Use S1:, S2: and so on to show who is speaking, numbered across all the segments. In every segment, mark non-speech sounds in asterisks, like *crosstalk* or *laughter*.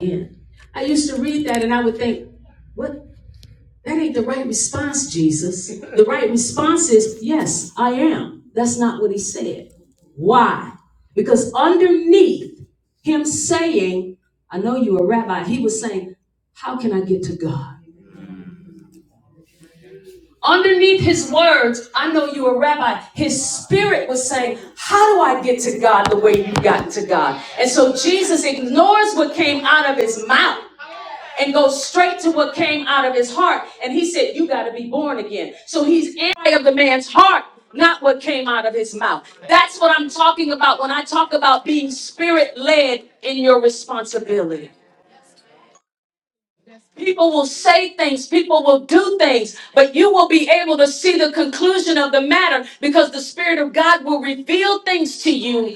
S1: in. I used to read that and I would think, what? That ain't the right response, Jesus. The right response is, yes, I am. That's not what he said. Why? Because underneath him saying, I know you're a rabbi, he was saying, how can I get to God? Underneath his words, I know you're a rabbi, his spirit was saying, How do I get to God the way you got to God? And so Jesus ignores what came out of his mouth and goes straight to what came out of his heart. And he said, You got to be born again. So he's anti of the man's heart, not what came out of his mouth. That's what I'm talking about when I talk about being spirit led in your responsibility. People will say things, people will do things, but you will be able to see the conclusion of the matter because the Spirit of God will reveal things to you.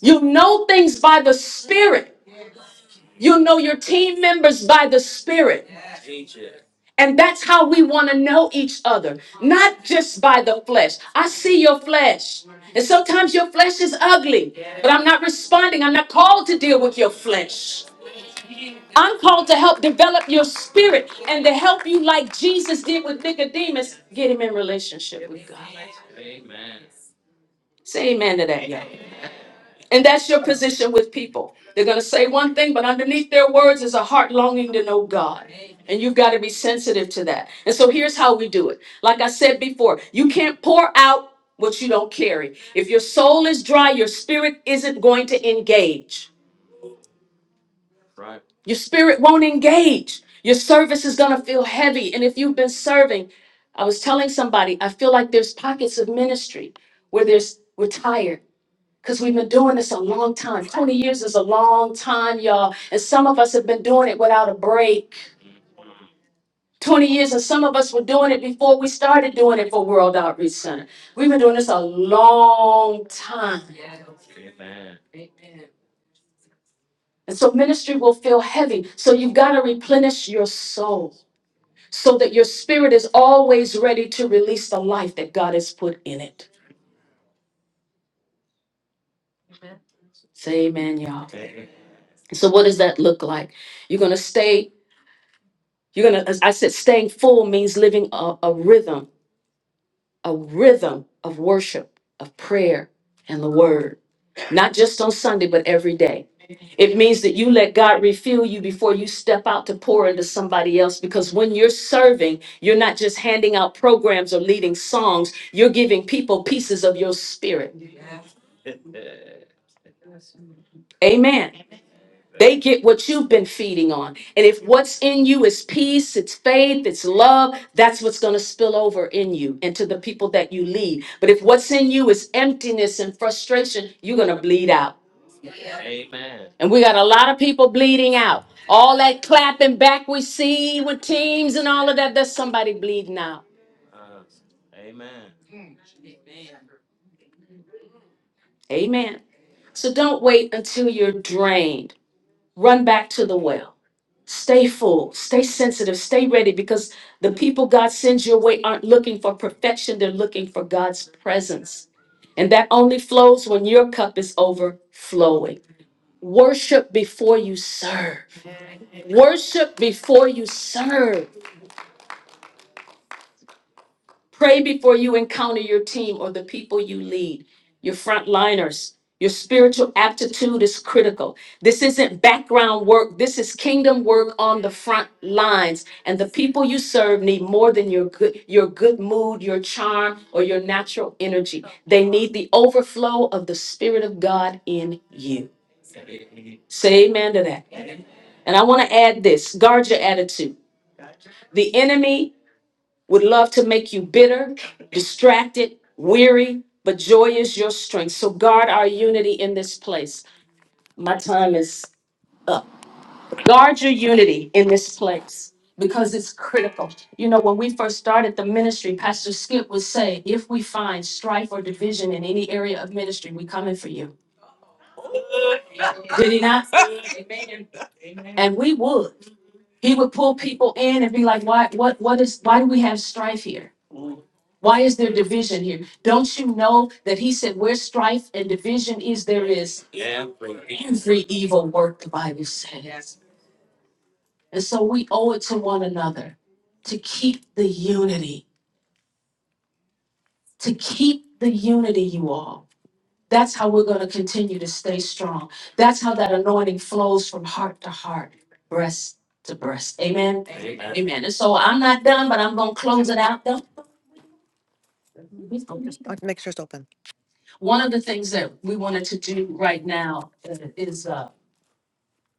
S1: You know things by the Spirit, you know your team members by the Spirit. And that's how we want to know each other, not just by the flesh. I see your flesh. And sometimes your flesh is ugly, but I'm not responding. I'm not called to deal with your flesh. I'm called to help develop your spirit and to help you like Jesus did with Nicodemus, get him in relationship with God. Say amen to that, y'all. And that's your position with people. They're going to say one thing, but underneath their words is a heart longing to know God. And you've got to be sensitive to that. And so here's how we do it. Like I said before, you can't pour out what you don't carry. If your soul is dry, your spirit isn't going to engage. Your spirit won't engage. Your service is going to feel heavy. And if you've been serving, I was telling somebody, I feel like there's pockets of ministry where there's we're tired because we've been doing this a long time. 20 years is a long time, y'all. And some of us have been doing it without a break. 20 years, and some of us were doing it before we started doing it for World Outreach Center. We've been doing this a long time. And so ministry will feel heavy. So you've got to replenish your soul. so that your spirit is always ready to release the life that God has put in it. Say amen, y'all. So, what does that look like? You're going to stay, you're going to, as I said, staying full means living a, a rhythm, a rhythm of worship, of prayer, and the word, not just on Sunday, but every day. It means that you let God refill you before you step out to pour into somebody else. Because when you're serving, you're not just handing out programs or leading songs, you're giving people pieces of your spirit. Amen. They get what you've been feeding on. And if what's in you is peace, it's faith, it's love, that's what's going to spill over in you and to the people that you lead. But if what's in you is emptiness and frustration, you're going to bleed out. And we got a lot of people bleeding out. All that clapping back we see with teams and all of that, thats somebody bleeding out. Amen. So don't wait until you're drained. Run back to the well. Stay full, stay sensitive, stay ready because the people God sends your way aren't looking for perfection, they're looking for God's presence. And that only flows when your cup is overflowing. Worship before you serve. Worship before you serve. Pray before you encounter your team or the people you lead, your frontliners. Your spiritual aptitude is critical. This isn't background work, this is kingdom work on the front lines. And the people you serve need more than your good, your good mood, your charm, or your natural energy. They need the overflow of the Spirit of God in you. Say amen to that. And I want to add this guard your attitude. The enemy would love to make you bitter, distracted, weary, but joy is your strength. So guard our unity in this place. My time is up. Guard your unity in this place because it's critical. You know, when we first started the ministry, Pastor Skip would say, if we find strife or division in any area of ministry, we coming for you. And we would. He would pull people in and be like, why, what, what is, why do we have strife here? Why is there division here? Don't you know that he said, where strife and division is, there is every evil work, the Bible said. And so we owe it to one another to keep the unity, to keep the unity, you all. That's how we're going to continue to stay strong. That's how that anointing flows from heart to heart, breast to breast. Amen. Amen. And so I'm not done, but I'm going to close it out though. Make sure it's open. One of the things that we wanted to do right now uh, is, uh,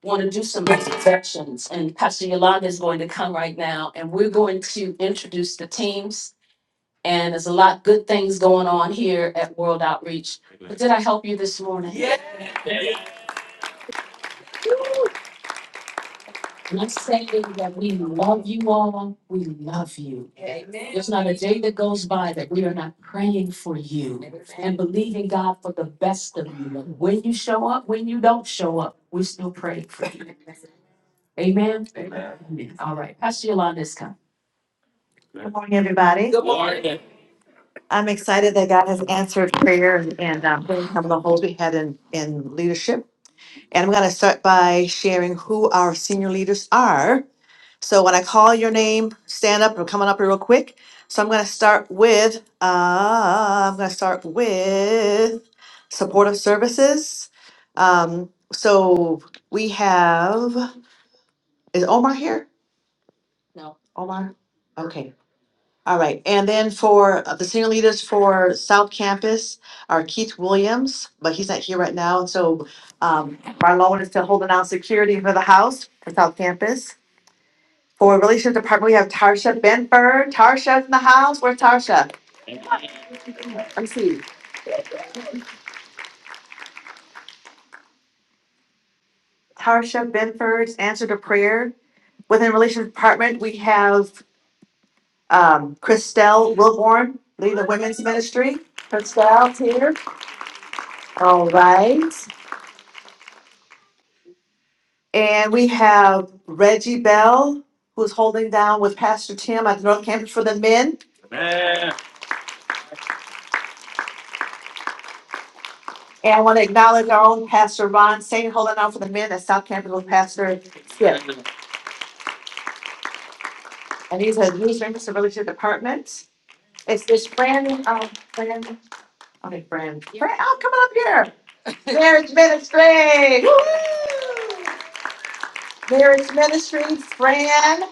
S1: want to do some inspections and Pastor Yolanda is going to come right now and we're going to introduce the teams. And there's a lot good things going on here at World Outreach. Did I help you this morning? Can I say that we love you all? We love you. It goes by that we are not praying for you. Believing God for the best of you. When you show up, when you don't show up, we still pray for you. Amen? Amen. Amen. All right, Pastor Yolanda is coming. Good morning, everybody. I'm excited that God has answered prayer and um, some of the holes we had in, in leadership. And I'm going to start by sharing who our senior leaders are. So when I call your name, stand up. We're coming up here real quick. So I'm going to start with uh, I'm going to start with supportive services. Um, so we have is Omar here? Omar, okay. All right, and then for uh, the senior leaders for South Campus are Keith Williams, but he's not here right now, And so um Marlon is still holding out security for the house for South Campus. For Relations Department, we have Tarsha Benford. Tarsha's in the house. Where's Tarsha? Let me see. Tarsha Benford's answer to prayer. Within Relations Department, we have um Christelle Wilborn, lead the women's ministry. Christelle's here. All right. And we have Reggie Bell, who's holding down with Pastor Tim at North Campus for the men. And I want to acknowledge our own Pastor Ron Saint holding down for the men at South Campus with Pastor Skip. And he's a news member of the Relationship Department. It's this Fran, um, Fran, okay, Fran, Fran, oh, come on up here. Marriage Ministry. Woo! Marriage Ministry, Fran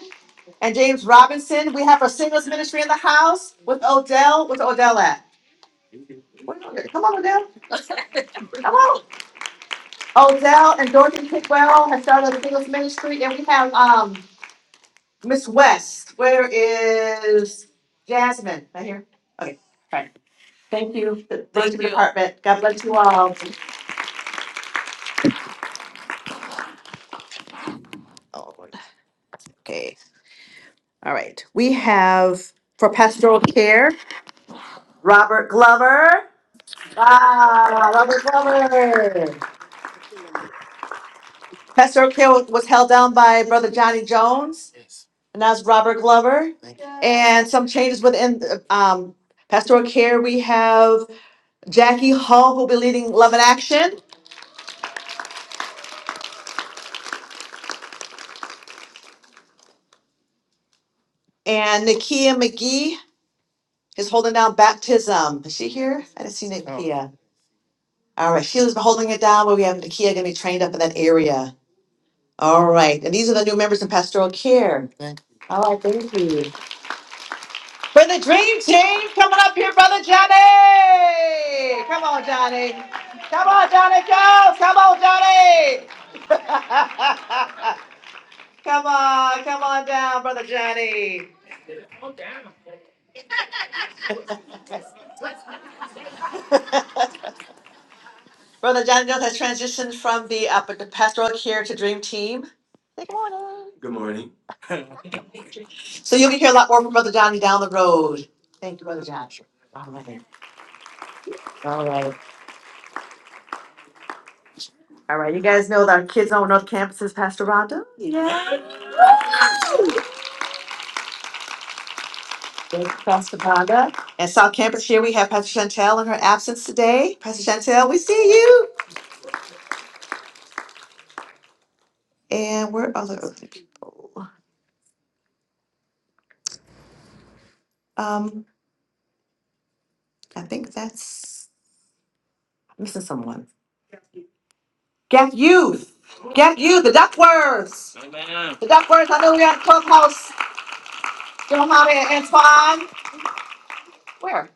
S1: and James Robinson. We have our singles ministry in the house with Odell. Where's Odell at? Where's Odell? Come on, Odell. Hello, Odell and Dorothy Pickwell have started the People's Ministry, and we have, um, Miss West. Where is Jasmine? Right here? Okay, all right. Thank you, the Thank Budget you. Department. God bless you all. Oh, Lord. Okay, all right. We have for pastoral care, Robert Glover. Ah, Robert Glover. Pastoral care was held down by Brother Johnny Jones. And that's Robert Glover. And some changes within um, pastoral care, we have Jackie Hull who'll be leading Love and Action, and Nikia McGee is holding down baptism. Is she here? I didn't see Nikia. All right, Sheila's been holding it down, but we have Nikia gonna be trained up in that area. All right, and these are the new members in pastoral care. All right, thank you. For the dream team, coming up here, brother Johnny. Come on, Johnny. Come on, Johnny, go. Come on, Johnny. *laughs* come on, come on down, brother Johnny. *laughs* brother Johnny Jones has transitioned from the, uh, the pastoral care to dream team. Say Good morning. So you'll hear a lot more from brother Johnny down the road. Thank you, brother Johnny. All right. All right. All right. You guys know that our kids on North Campus is Pastor Rhonda? Yeah. Thank you, Pastor Vonda. And South Campus here, we have Pastor Chantel in her absence today. Pastor Chantel, we see you. And where are the other people? Um, I think that's I'm missing someone. Get youth. Get youth, the Duckworths. Amen. The Duckworths, I know we're at Clubhouse. Joe Hama and Antoine. Where?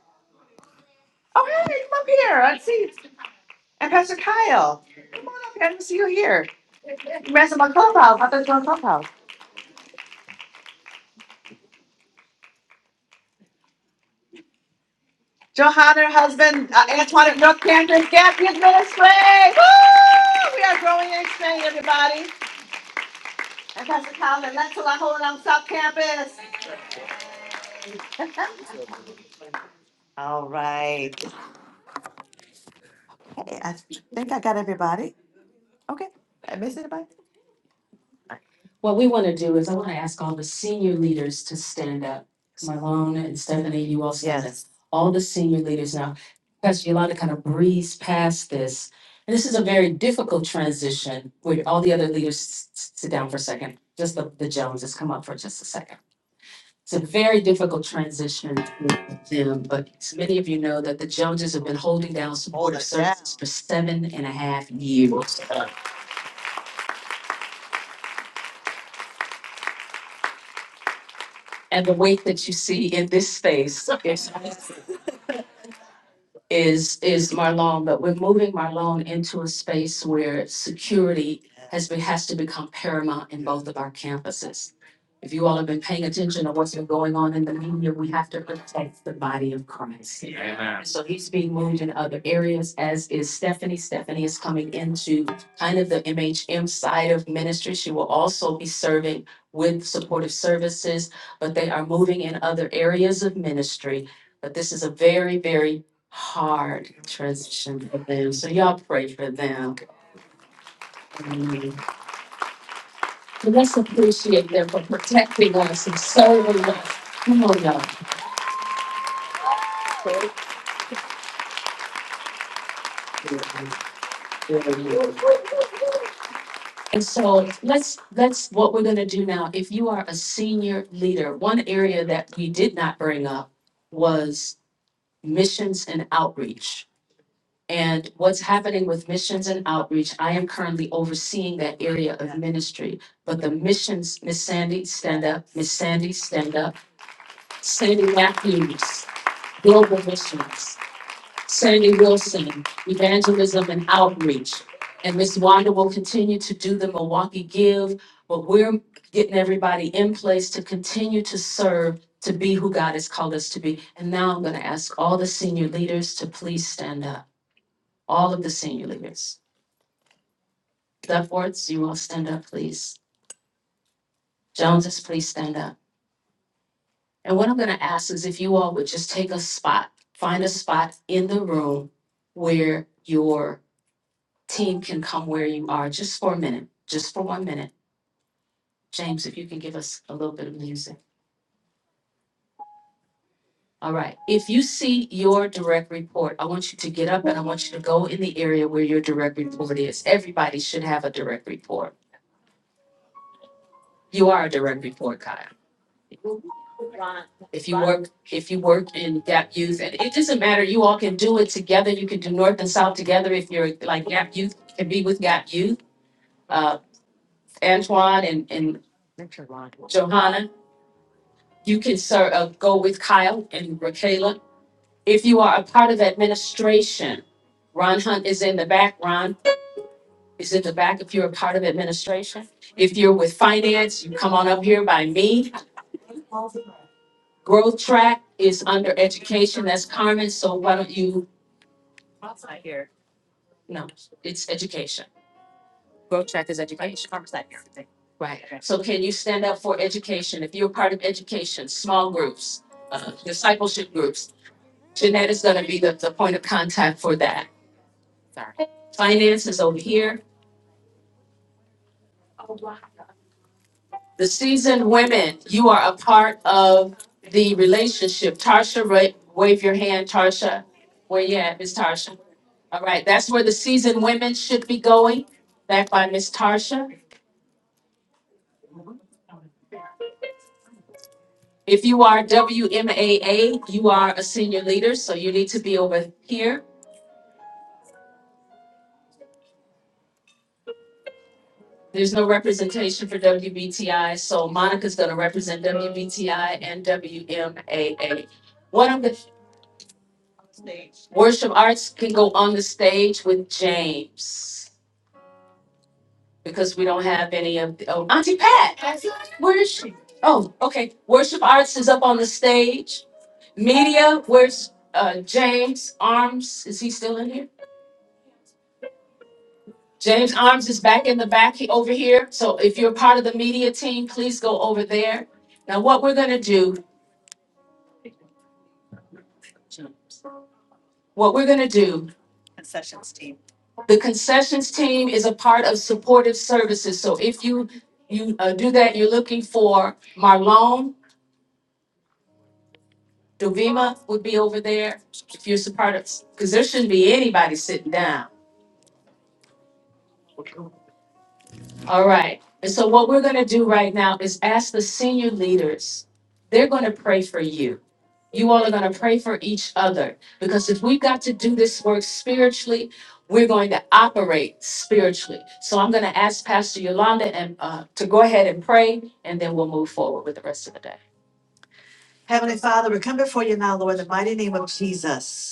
S1: Oh, hey, come up here. I see. you. And Pastor Kyle. Come on up here. I didn't see you here. You ran to my clubhouse. I thought you were on clubhouse. Johan, her husband, uh, Antoinette North Camden Champions Ministry. Woo! We are growing and expanding, everybody. And Pastor Colin and Lentula holding on South Campus. *laughs* All right. Hey, I think I got everybody. Okay. Did I miss anybody? What we want to do is I want to ask all the senior leaders to stand up. Marlon and Stephanie, you all stand up. Yes. All the senior leaders now, because Yolanda kind of breezed past this. And this is a very difficult transition where all the other leaders s- s- sit down for a second. Just the, the Joneses come up for just a second. It's a very difficult transition with them, but as many of you know that the Joneses have been holding down supportive services for seven and a half years. And the weight that you see in this space is is, is Marlon, but we're moving Marlon into a space where security has been, has to become paramount in both of our campuses. If you all have been paying attention to what's been going on in the media, we have to protect the body of Christ. So he's being moved in other areas, as is Stephanie. Stephanie is coming into kind of the MHM side of ministry. She will also be serving with supportive services, but they are moving in other areas of ministry. But this is a very, very hard transition for them. So y'all pray for them. So let's appreciate them for protecting us and serving us. Come on, y'all. And so let's, let's, what we're gonna do now, if you are a senior leader, one area that we did not bring up was missions and outreach. And what's happening with missions and outreach, I am currently overseeing that area of ministry. But the missions, Miss Sandy, stand up, Miss Sandy, stand up, Sandy Matthews, Global Missions. Sandy Wilson, Evangelism and Outreach. And Miss Wanda will continue to do the Milwaukee Give, but we're getting everybody in place to continue to serve, to be who God has called us to be. And now I'm going to ask all the senior leaders to please stand up. All of the senior leaders. Duffworths, you all stand up, please. Joneses, please stand up. And what I'm going to ask is if you all would just take a spot, find a spot in the room where your team can come where you are just for a minute, just for one minute. James, if you can give us a little bit of music. All right. If you see your direct report, I want you to get up and I want you to go in the area where your direct report is. Everybody should have a direct report. You are a direct report, Kyle. If you work, if you work in Gap Youth, and it doesn't matter, you all can do it together. You can do North and South together. If you're like Gap Youth, can be with Gap Youth. Uh, Antoine and, and Johanna, you can sort of go with Kyle and Rakayla. If you are a part of administration, Ron Hunt is in the back. Ron is in the back if you're a part of administration. If you're with finance, you come on up here by me. Growth track is under education. That's Carmen. So why don't you? No, it's education. So can you stand up for education? If you're a part of education, small groups, uh, discipleship groups, Jeanette is going to be the, the point of contact for that. Finance is over here. The seasoned women, you are a part of the relationship. Tarsha, ra- wave your hand, Tarsha. Where you at, Miss Tarsha? All right, that's where the seasoned women should be going, back by Miss Tarsha. If you are WMAA, you are a senior leader, so you need to be over here. There's no representation for WBTI, so Monica's gonna represent WBTI and WMAA. One of the worship arts can go on the stage with James. because we don't have any of the, oh, Auntie Pat, where is she? Oh, okay. Worship Arts is up on the stage. Media, where's uh, James Arms? Is he still in here? James Arms is back in the back he- over here. So if you're part of the media team, please go over there. Now, what we're gonna do, what we're gonna do the concessions team is a part of supportive services, so if you, you uh, do that, you're looking for Marlon Dovima would be over there if you're supportive, because there shouldn't be anybody sitting down. All right. And so what we're going to do right now is ask the senior leaders. They're going to pray for you. You all are going to pray for each other because if we've got to do this work spiritually, we're going to operate spiritually. So I'm going to ask Pastor Yolanda and uh, to go ahead and pray, and then we'll move forward with the rest of the day. Heavenly Father, we come before you now, Lord, in the mighty name of Jesus.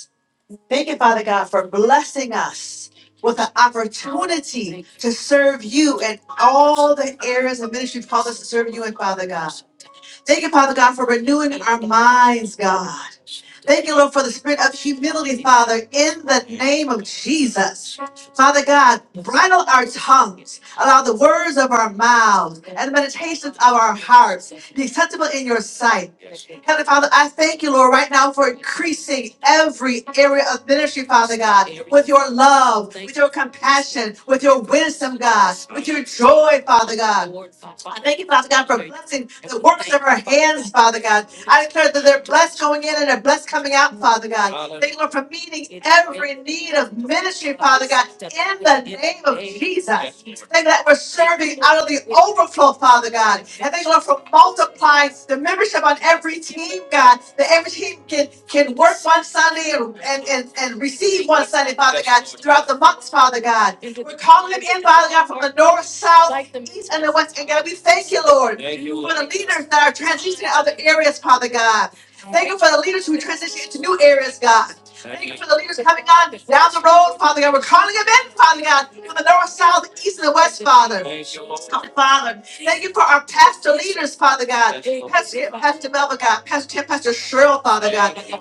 S1: Thank you, Father God, for blessing us with an opportunity to serve you in all the areas of ministry you've called us to serve you in, Father God. Thank you, Father God, for renewing our minds, God. Thank you, Lord, for the spirit of humility, Father, in the name of Jesus. Father God, bridle our tongues, allow the words of our mouths and the meditations of our hearts be acceptable in your sight. Heavenly Father, I thank you, Lord, right now for increasing every area of ministry, Father God, with your love, with your compassion, with your wisdom, God, with your joy, Father God. I thank you, Father God, for blessing the works of our hands, Father God. I declare that they're blessed going in and they're blessed coming out, Father God. Thank you, Lord, for meeting every need of ministry, Father God, in the name of Jesus. Thank you that we're serving out of the overflow, Father God. And thank you, Lord, for multiplying the membership on every team, God, that every team can, can work one Sunday and, and, and, and receive one Sunday, Father. Throughout the months, Father God. We're calling them in, Father God, from the north, south, east, and the west. And God, we thank you, Lord the leaders that are transitioning to other areas, Father God. Thank you for the leaders who transition into new areas, God. For the leaders coming on down the road, Father God. We're calling them in, Father God, from the north, south, east, and the west, Father. Father, thank you for our pastor leaders, Father God. Pastor, Pastor Melvin, God. Pastor Tim, Pastor Cheryl, Father.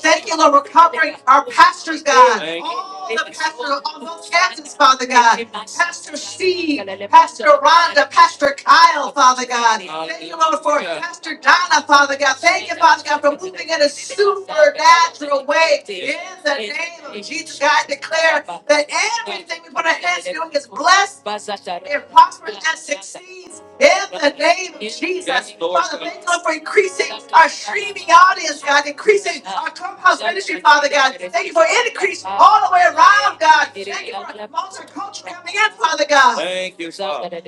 S1: Thank you, Lord, for covering our pastors, God all the pastor, all those pastors, Father God. Pastor Steve, Pastor Rhonda, Pastor Kyle, Father God. Thank you, Lord, for Pastor Donna, Father God. Thank you, Father God, for moving in a supernatural way. In the name of Jesus, God, I declare that everything we put our hands to doing is blessed. It prospers and succeeds in the name of Jesus for increasing our streaming audience, God, increasing our clubhouse ministry, Father God. Thank you for increase all the way around, God. Thank you for multicultural coming in, Father God.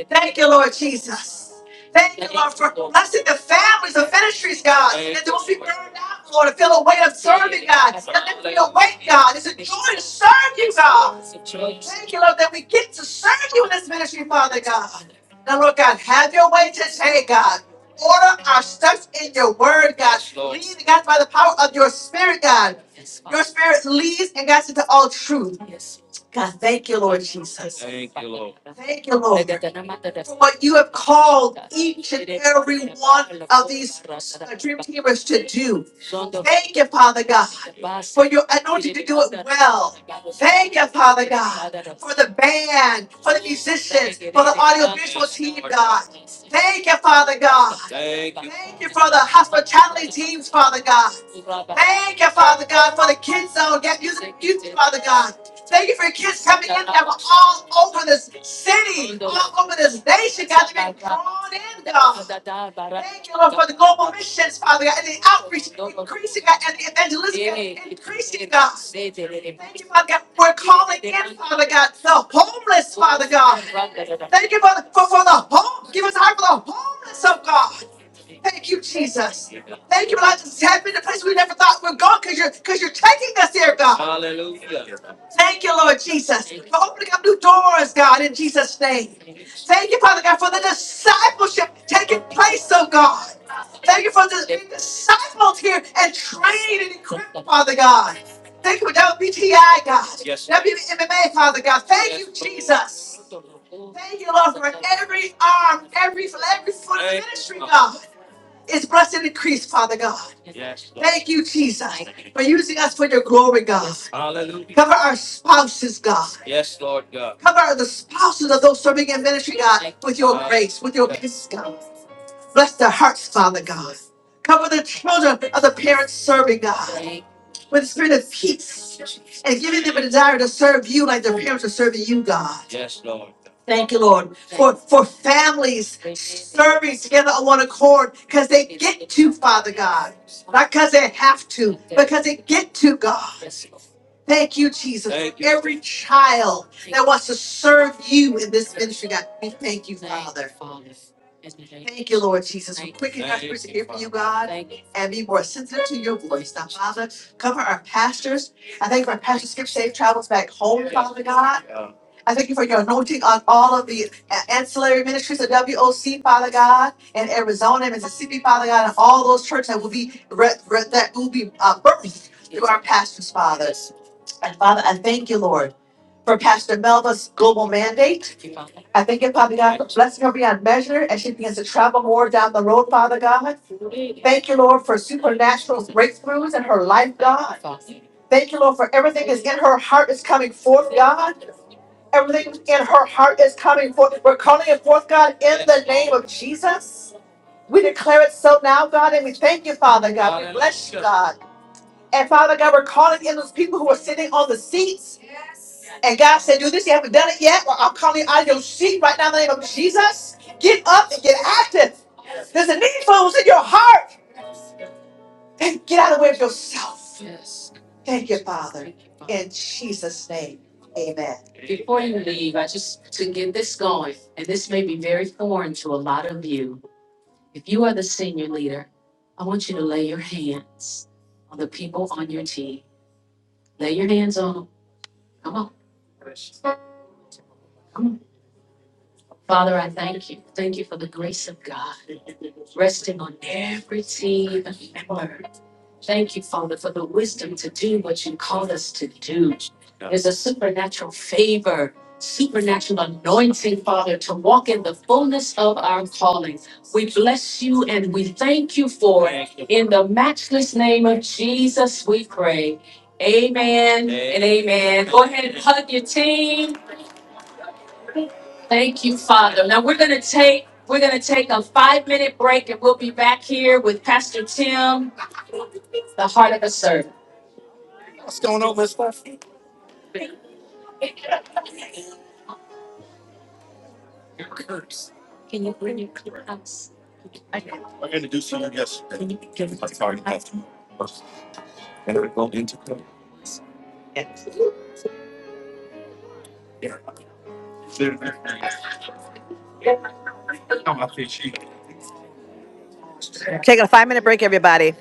S1: Thank you, Lord Jesus. Thank you, Lord, for blessing the families of ministries, God. Lord, to feel a weight of serving God. Let me awake, God. It's a joy to serve you, God. Thank you, Lord, that we get to serve you in this ministry, Father God. Now, Lord God, have your way today, God. Order our steps in your word, God. God, by the power of your spirit, God. Yes, Father. Your spirit leads and guides into all truth. Yes. God, thank you, Lord Jesus. Thank you, Lord, for what you have called each and every one of these uh, dream teamers to do. Thank you, Father God, for your anointing to do it well. Thank you, Father God, for the band, for the musicians, for the audiovisual team, God. Thank you, Father God. Thank you for the hospitality teams, Father God. Thank you, Father God, for the kids zone, get music, music, Father God. Thank you for kids coming in that were all over this city, all over this nation, God. They've been drawn in, God. Thank you, Lord, for the global missions, Father God, and the outreach increasing, God, and the evangelism increasing, God. Thank you, Father God. We're calling in, Father God, the homeless, Father God. Thank you, Father, for, for the home. Give us heart for the homeless of God. Thank you, Jesus. Thank you, Lord. I Just tap into places we never thought we are going, because you're because you're taking us there, God. Thank you, Lord Jesus, for opening up new doors, God, in Jesus' name. Thank you, Father God, for the discipleship taking place, oh God. Thank you for the being disciples here and trained and equipped, Father God. Thank you for WBTI, God. Thank you, MMA, Father God. Thank you, Jesus. Thank you, Lord, for every arm, every every foot ministry, God, is blessed and increased, Father God. Thank you, Jesus, for using us for your glory, God. Cover our spouses, God. Cover the spouses of those serving in ministry, God, with your grace, with your peace, God. Bless their hearts, Father God. Cover the children of the parents serving, God, with the spirit of peace and give them a desire to serve you like their parents are serving you, God. Thank you, Lord, for families serving together on one accord because they get to Father God, not because they have to, but because they get to God. Thank you, Jesus. Child that wants to serve you in this ministry, God, we thank you, Father. Thank you, Lord Jesus, for quickening God and be more sensitive to your voice. Now, Father, cover our pastors. I thank our pastor Skip Safe travels back home, Father God. I thank you for your anointing on all of the ancillary ministries of WOC, Father God, in Arizona, Mississippi, Father God, and all those churches that will be re- re- that will be uh, birthed through our pastors, fathers. And Father, I thank you, Lord, for Pastor Melva's global mandate. I thank you, Father Blessing her beyond measure as she begins to travel more down the road, Father God. Thank you, Lord, for supernatural breakthroughs in her life, God. Thank you, Lord, for everything that's in her heart is coming forth, God. Everything in her heart is coming forth. We're calling it forth, God, in the name of Jesus. We declare it so now, God, and we thank you, Father God. And Father God, we're calling in those people who are sitting on the seats. And God said, Do this, you haven't done it yet. Well, I'm calling you out of your seat right now in the name of Jesus. Get up and get active. There's a need for what's in your heart. And get out of the way of yourself. Yes. Thank you, Father. In Jesus' name. Amen. leave, I just to get this going, and this may be very foreign to a lot of you. If you are the senior leader, I want you to lay your hands on the people on your team. Lay your hands on them. Come on, come on. Father, I thank you. Thank you for the grace of God resting on every team member. Thank you, Father, for the wisdom to do what you called us to do. There's a supernatural favor, supernatural anointing, Father, to walk in the fullness of our calling. We bless you and we thank you for it. In the matchless name of Jesus, we pray. Amen. Amen. Hug your team. Thank you, Father. Now we're gonna take we're gonna take a five minute break and we'll be back here with Pastor Tim, the heart of a servant. Because Taking a five minute break, everybody.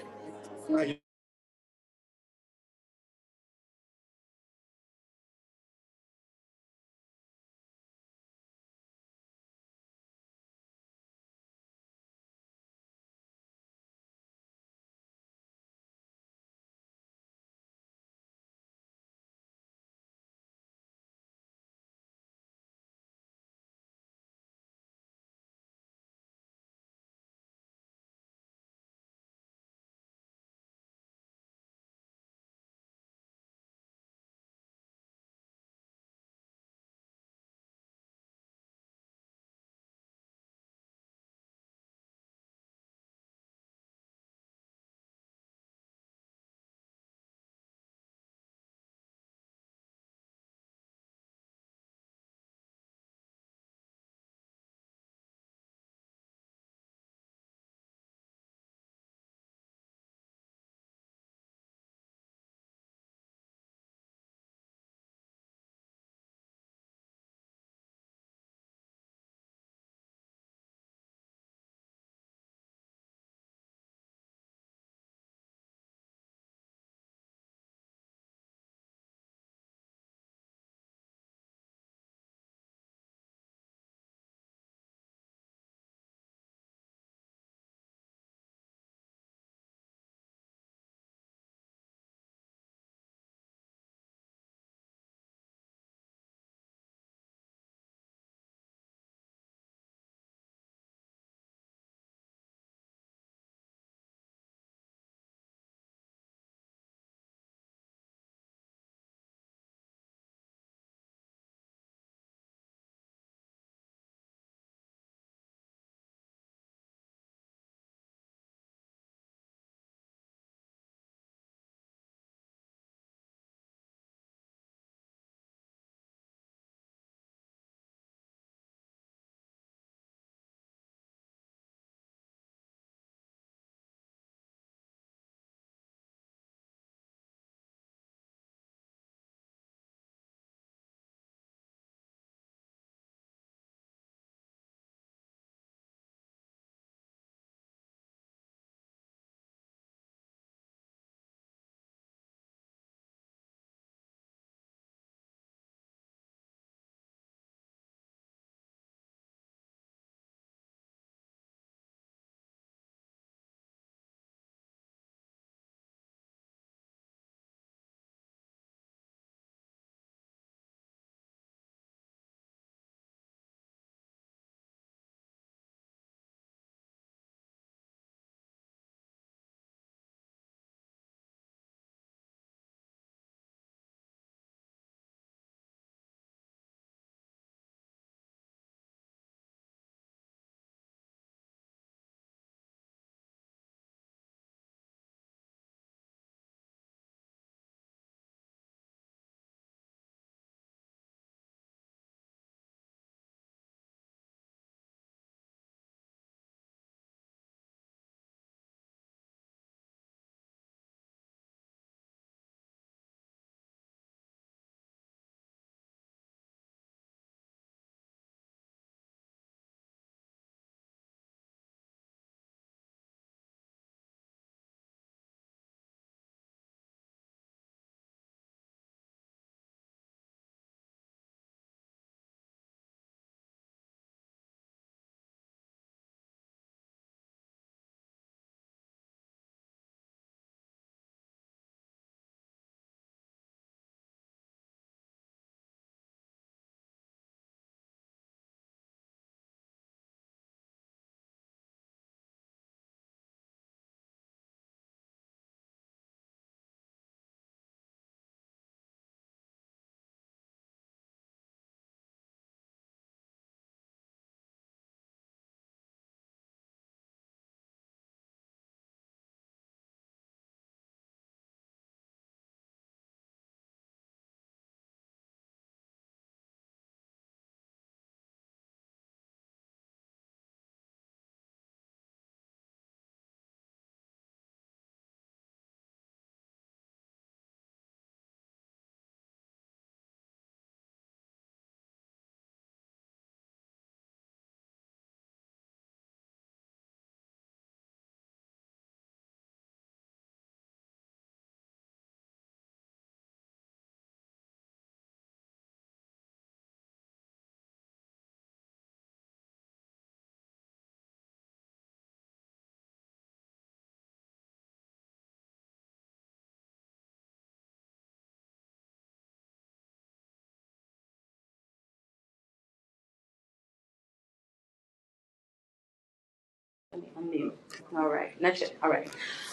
S2: I'm mute. All right, that's it. All right.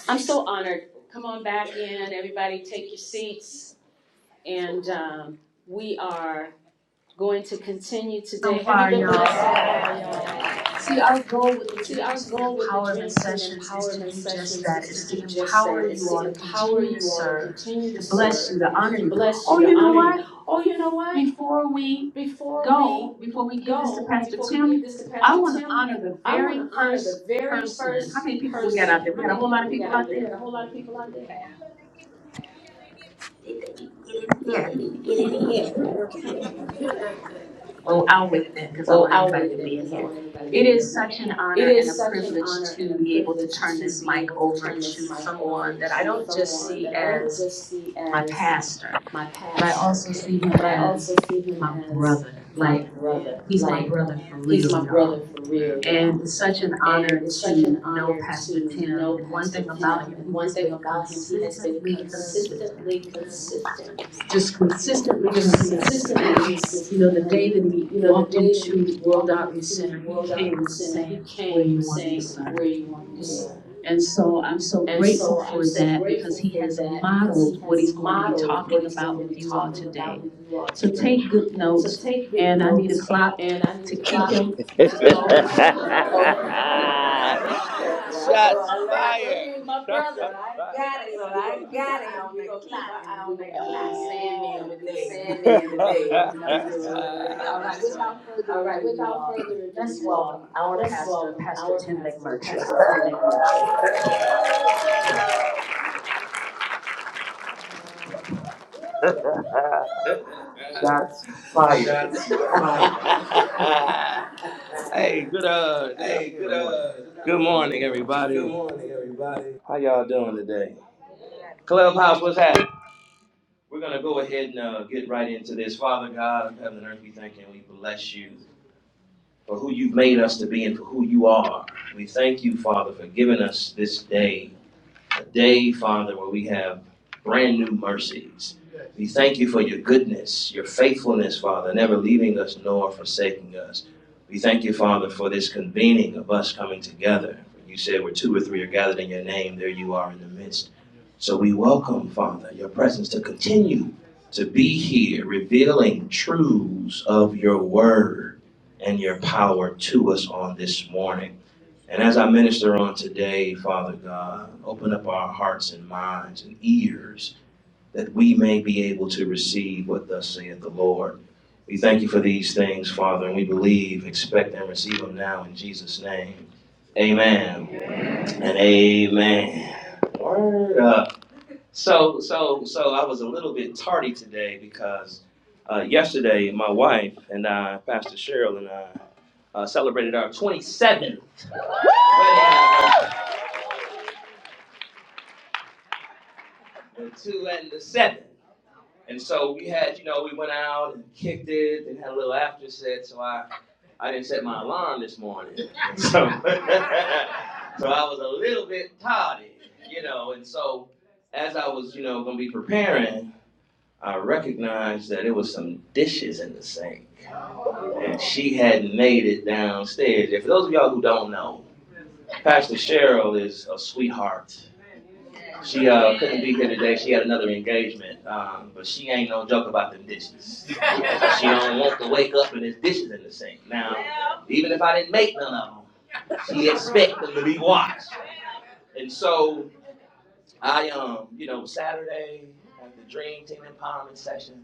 S2: I'm so honored. Come on back in, everybody. Take your seats, and um, we are going to continue
S3: so
S2: today. Have you
S3: far,
S2: been blessed so
S3: y'all.
S2: far, y'all? Yeah.
S3: See, our goal with the
S2: See,
S3: Dream
S2: our
S3: Team
S2: goal with the
S3: Empowerment
S2: Dream Team
S3: Sessions is to
S2: Empowerment
S3: do just
S2: Sessions
S3: that.
S2: is to
S3: It's to
S2: do just that.
S3: empower
S2: It's
S3: you
S2: to
S3: all to
S2: empower
S3: continue to
S2: you all to
S3: serve,
S2: continue
S3: to
S2: to
S3: bless
S2: serve,
S3: you, to honor
S2: to
S3: you.
S2: bless
S3: Oh,
S2: you, to
S3: you know
S2: honor you.
S3: what?
S2: Oh, you know what?
S3: Before we
S2: before we
S3: go, before we give this to
S2: go,
S3: Pastor
S2: before we give
S3: Tim,
S2: this to
S3: I
S2: Pastor
S3: want to
S2: Tim,
S3: honor the
S2: I want
S3: very
S2: to honor the
S3: first
S2: very
S3: person. How
S2: first
S3: many people we got out
S2: person.
S3: there? We
S2: How
S3: got a
S2: many
S3: whole lot
S2: people
S3: of
S2: we got
S3: people
S2: out
S3: out
S2: there? We
S3: there.
S2: got a whole lot of people out there. They, they need to get in here. *laughs*
S3: Oh, I'll wait then, because I
S2: well,
S3: want
S2: I'll
S3: everybody
S2: wait
S3: to
S2: then
S3: be in
S2: because I
S3: here.
S2: want everybody to
S3: It
S2: be
S3: is
S2: in here.
S3: such an
S2: It
S3: honor and a
S2: is such an
S3: privilege
S2: honor
S3: to
S2: and a
S3: be able to
S2: privilege
S3: turn
S2: to
S3: this
S2: be
S3: mic
S2: able to
S3: over
S2: turn this
S3: to
S2: mic over
S3: someone that I
S2: to
S3: don't just
S2: someone
S3: see
S2: that I don't
S3: as
S2: just see
S3: my
S2: as
S3: pastor,
S2: my
S3: but I
S2: pastor,
S3: also see him
S2: but I
S3: as
S2: also see him
S3: my
S2: as
S3: brother.
S2: my
S3: Like,
S2: brother.
S3: he's my
S2: Like,
S3: brother for
S2: he's
S3: real,
S2: my
S3: y'all.
S2: brother for real, y'all
S3: And it's such an
S2: And
S3: honor
S2: it's such an
S3: to know
S2: honor
S3: Pastor
S2: to
S3: Tim.
S2: know
S3: And one
S2: Pastor
S3: thing about
S2: Tim.
S3: him,
S2: And
S3: he
S2: one
S3: has
S2: thing
S3: been
S2: about him, he has been
S3: consistently consistent
S2: consistently consistent,
S3: just consistently
S2: just
S3: consistent.
S2: consistently
S3: And, you
S2: consistent.
S3: know, the
S2: And,
S3: day that he
S2: you know, the
S3: walked
S2: day that he
S3: into World
S2: walked
S3: Outreach
S2: into
S3: Center, he
S2: World Outreach
S3: came
S2: Center, he
S3: saying, where you
S2: came
S3: want me to
S2: saying, Where do
S3: serve?
S2: you want me to serve?
S3: And so I'm so
S2: And
S3: grateful
S2: so I'm
S3: for
S2: so
S3: that because
S2: grateful
S3: he
S2: for
S3: has
S2: that because he
S3: modeled what
S2: has
S3: he's going to be
S2: modeled what
S3: talking
S2: he's going
S3: about
S2: to be
S3: with you all
S2: talking
S3: today.
S2: about with you all
S3: So
S2: today.
S3: take good
S2: So
S3: notes,
S2: take good
S3: and I need a
S2: notes,
S3: clock
S2: and I need
S3: to
S2: a
S3: keep
S2: clock
S3: him. *laughs*
S2: to keep him. Oh, okay. Well, I know,
S3: Shots
S2: I know. I told
S3: fired.
S2: you he's my
S3: *laughs* Shots
S2: brother,
S3: fired
S2: so I got him. We're gonna keep our
S3: o'clock, and
S2: eye
S3: we're
S2: on that
S3: gonna be
S2: clock, and we're gonna be. I'm
S3: sanding
S2: gonna be the
S3: today. *laughs*
S2: Sandman today. I'm gonna do it. I'm
S3: All
S2: gonna
S3: right,
S2: do it.
S3: without further
S2: All right.
S3: ado, you
S2: Without
S3: all,
S2: further ado,
S3: let's
S2: you
S3: welcome
S2: all,
S3: our
S2: let's
S3: pastor,
S2: welcome
S3: Pastor
S2: our
S3: Tim
S2: pastor,
S3: McMurtry.
S2: Pastor Tim McMurtry.
S3: *laughs* Shots fired.
S2: Shots fired.
S3: *laughs* hey, good uh, good
S2: Hey,
S3: afternoon,
S2: good
S3: good morning.
S2: uh, good
S3: Good
S2: afternoon, good
S3: morning,
S2: morning. Good
S3: everybody.
S2: morning, everybody.
S3: How y'all doing today? Clubhouse, what's happening? We're gonna go ahead and uh, get right into this. Father God of heaven and earth, we thank you and we bless you. for who you've made us to be and for who you are. We thank you, Father, for giving us this day a day, Father, where we have brand new mercies. We thank you for your goodness, your faithfulness, Father, never leaving us nor forsaking us. We thank you, Father, for this convening of us coming together. You said where two or three are gathered in your name, there you are in the midst. So we welcome, Father, your presence to continue to be here, revealing truths of your word and your power to us on this morning. And as I minister on today, Father God, open up our hearts and minds and ears that we may be able to receive what thus saith the Lord. We thank you for these things, Father, and we believe, expect, and receive them now in Jesus' name. Amen Amen. and amen. Word up. So, so, so I was a little bit tardy today because uh, yesterday my wife and I, Pastor Cheryl and I, uh, celebrated our 27th wedding anniversary. two and the seven. And so we had, you know, we went out and kicked it and had a little after set. So I, I didn't set my alarm this morning. So, *laughs* so I was a little bit tardy, you know. And so as I was, you know, going to be preparing, I recognized that there was some dishes in the sink. And she had made it downstairs. And for those of y'all who don't know, Pastor Cheryl is a sweetheart. She uh couldn't be here today. She had another engagement, um, but she ain't no joke about them dishes. *laughs* She don't want to wake up and there's dishes in the sink. Now, even if I didn't make none of them, she expect them to be washed. And so I um, you know, Saturday at the Dream Team Empowerment session,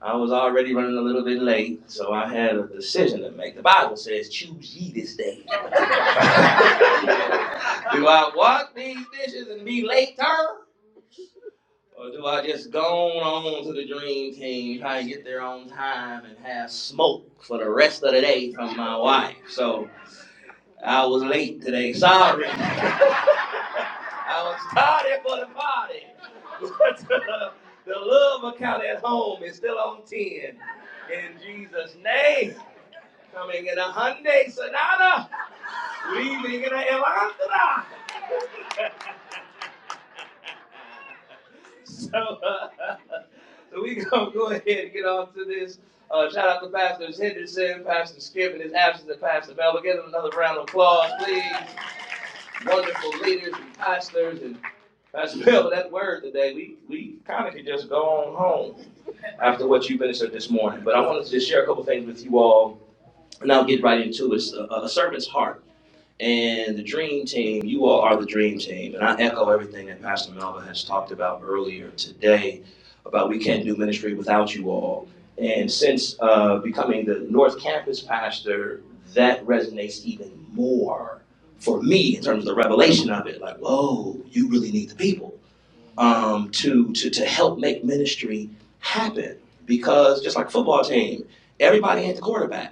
S3: I was already running a little bit late, so I had a decision to make. The Bible says, "Choose ye this day." *laughs* Do I wash these dishes and be late term? Or do I just go on to the dream team, try to get there on time, and have smoke for the rest of the day from my wife? So I was late today. Sorry. *laughs* I was tardy for the party. *laughs* But uh, the love account at home is still on 10. In Jesus' name. Coming in a Hyundai Sonata, leaving in a Elantra. So, Uh, *laughs* So we *laughs* gonna go ahead and get on to this. Uh, shout out to Pastor Henderson, Pastor Skip in his absence, and Pastor Bell. Give them another round of applause, please. Wonderful leaders and pastors and Pastor *laughs* Bell. That word today, we we kind of can just go on home after what you ministered this morning. But I wanted to just share a couple things with you all, and I'll get right into it. It's A, a servant's heart and the dream team, you all are the dream team. And I echo everything that Pastor Melvin has talked about earlier today about we can't do ministry without you all. And since uh, becoming the North Campus pastor, that resonates even more for me in terms of the revelation of it. Like, whoa, you really need the people um, to, to, to help make ministry happen. Because just like football team, everybody ain't the quarterback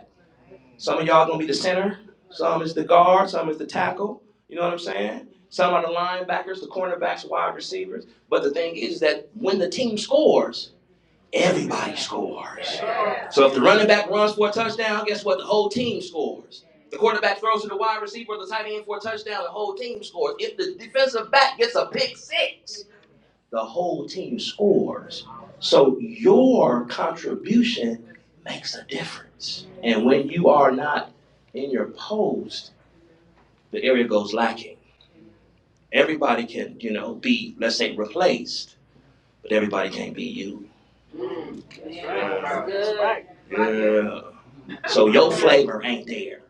S3: some of y'all gonna be the center. Some is the guard. Some is the tackle. You know what I'm saying? Some are the linebackers, the cornerbacks, wide receivers. But the thing is that when the team scores, everybody scores. Yeah. So if the running back runs for a touchdown, guess what? The whole team scores. The quarterback throws to the wide receiver, the tight end for a touchdown, the whole team scores. If the defensive back gets a pick six, the whole team scores. So your contribution makes a difference. And when you are not in your post, the area goes lacking. Everybody can, you know, be, let's say, replaced, but everybody can't be you. Mm, yeah. That's right. Good. Yeah. So your flavor ain't there.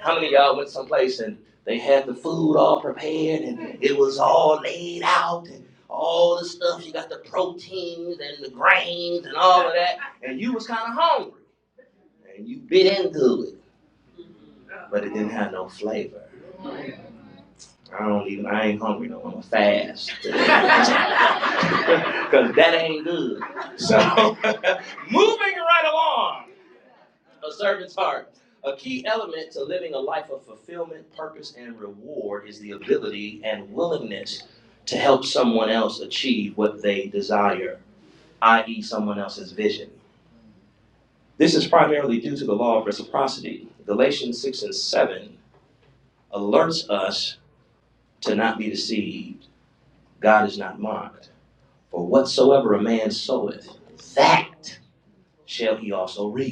S3: How many of y'all went someplace and they had the food all prepared and it was all laid out and all the stuff? You got the proteins and the grains and all of that, and you was kind of hungry and you bit into it, but it didn't have no flavor. I don't even. I ain't hungry no more. I'm fast. *laughs* Cause that ain't good. So *laughs* moving right along. A servant's heart. A key element to living a life of fulfillment, purpose, and reward is the ability and willingness to help someone else achieve what they desire, i.e., someone else's vision. This is primarily due to the law of reciprocity. Galatians 6 and 7 alerts us to not be deceived. God is not mocked. For whatsoever a man soweth, that shall he also reap.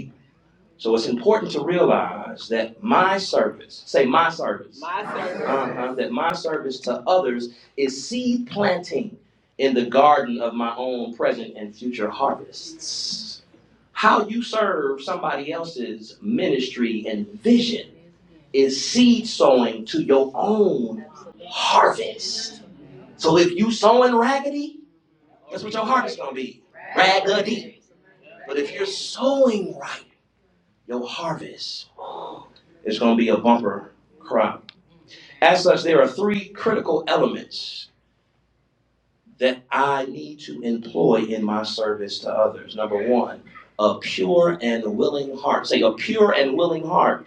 S3: So it's important to realize that my service, say my service, My service. uh-huh, that my service to others is seed planting in the garden of my own present and future harvests. How you serve somebody else's ministry and vision is seed sowing to your own harvest. So if you sowing raggedy, that's what your harvest gonna be? Raggedy. But if you're sowing right, your harvest It's going to be a bumper crop. As such, there are three critical elements that I need to employ in my service to others. Number one, a pure and willing heart. Say a pure and willing heart.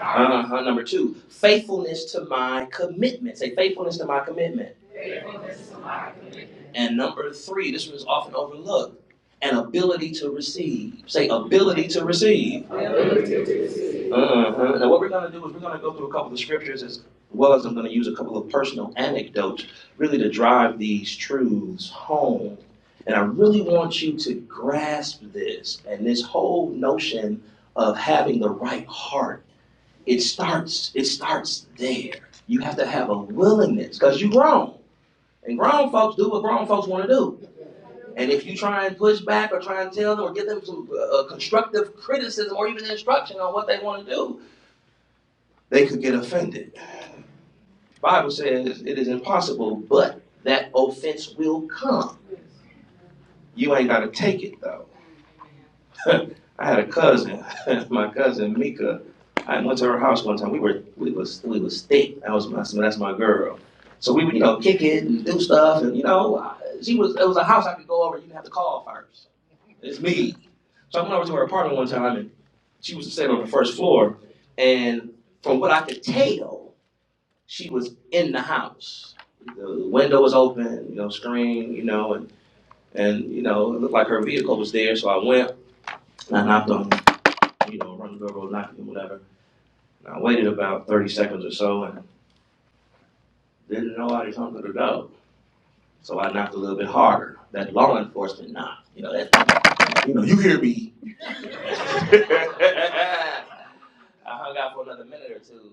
S3: Uh-huh. Number two, faithfulness to my commitment. Say faithfulness to my commitment. And number three, this one is often overlooked, an ability to receive. Say ability to receive. Mhm. And what we're gonna do is we're gonna go through a couple of scriptures as well as I'm gonna use a couple of personal anecdotes really to drive these truths home. And I really want you to grasp this and this whole notion of having the right heart. It starts, it starts there. You have to have a willingness because you're grown. And grown folks do what grown folks want to do. And if you try and push back or try and tell them or give them some uh, constructive criticism or even instruction on what they want to do, they could get offended. The Bible says it is impossible, but that offense will come. You ain't gotta take it though. *laughs* I had a cousin, *laughs* my cousin Mika. I went to her house one time. We were we was we was thick. That was my that's my girl. So we would you know kick it and do stuff and you know she was it was a house I could go over. You didn't have to call first. It's me. So I went over to her apartment one time and she was sitting on the first floor. And from what I could tell, she was in the house. The window was open, you know, screen, you know, and and you know, it looked like her vehicle was there. So I went and I knocked on, you know, run the doorbell, knocked and whatever. And I waited about thirty seconds or so, and didn't nobody come to the door. So I knocked a little bit harder. That law enforcement knock, you know, that you know, you hear me. *laughs* I hung out for another minute or two,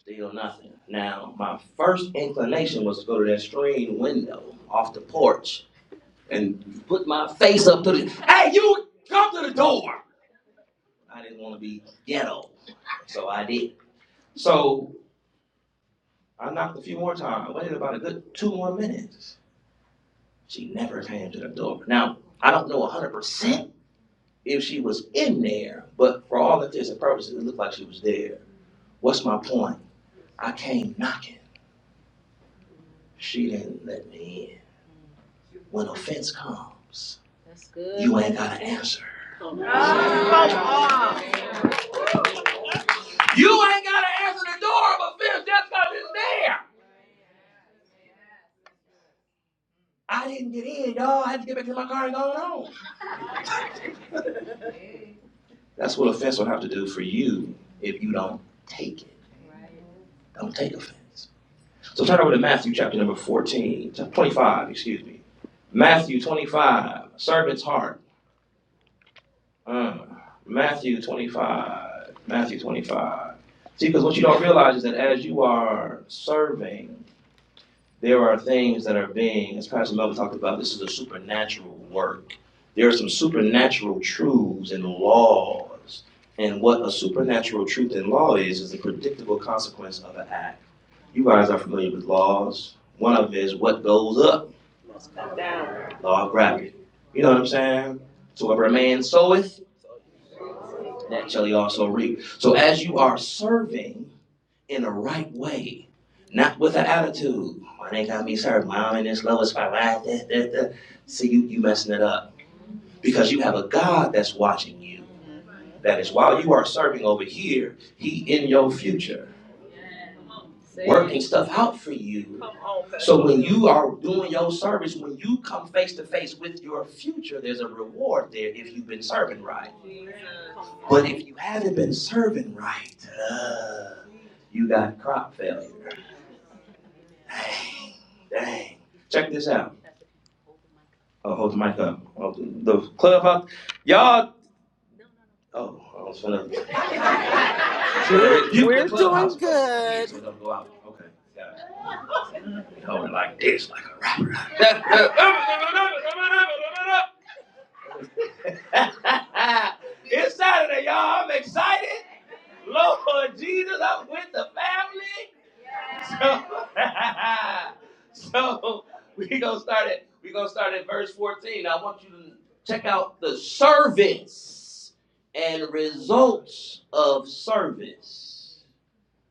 S3: still nothing. Now my first inclination was to go to that screen window off the porch and put my face up to the hey you come to the door i didn't want to be ghetto so i did so i knocked a few more times I waited about a good two more minutes she never came to the door now i don't know 100% if she was in there but for all intents and purposes it looked like she was there what's my point i came knocking she didn't let me in when offense comes that's good. you ain't got to answer Come on. You ain't got to answer the door, but Vince just got it's there. I didn't get in, dog. I had to get back to my car and go on. That's what offense will have to do for you if you don't take it. Don't take offense. So turn over to Matthew chapter number 14, 25. excuse me. Matthew 25, servant's heart. Uh, Matthew 25, Matthew 25. See, because what you don't realize is that as you are serving, there are things that are being, as Pastor Melvin talked about, this is a supernatural work. There are some supernatural truths and laws. And what a supernatural truth and law is, is the predictable consequence of an act. You guys are familiar with laws. One of them is what goes up, must come Down. law of gravity. You know what I'm saying? So whatever a man soweth, that shall he also reap. So as you are serving, in the right way, not with an attitude. Why they got me served? mom, i in this lowest spot? See, you you messing it up because you have a God that's watching you. That is while you are serving over here, he in your future, working stuff out for you. So when you are doing your service, when you come face to face with your future, there's a reward there if you've been serving right. But if you haven't been serving right, uh, you got crop failure. Dang, dang. Check this out. Oh, hold the mic up. Oh, the clubhouse, y'all. Oh, I was gonna So they
S4: We're
S3: rebuke the
S4: we're doing
S3: clubhouse, oh, here,
S4: good.
S3: so it don't go out. Okay. Got it. You hold like this, like a rapper. *laughs* it's Saturday, y'all. I'm excited. Lord Jesus, I'm with the family. So, *laughs* so we gonna start at we gonna start at verse 14. I want you to check out the service and results of service.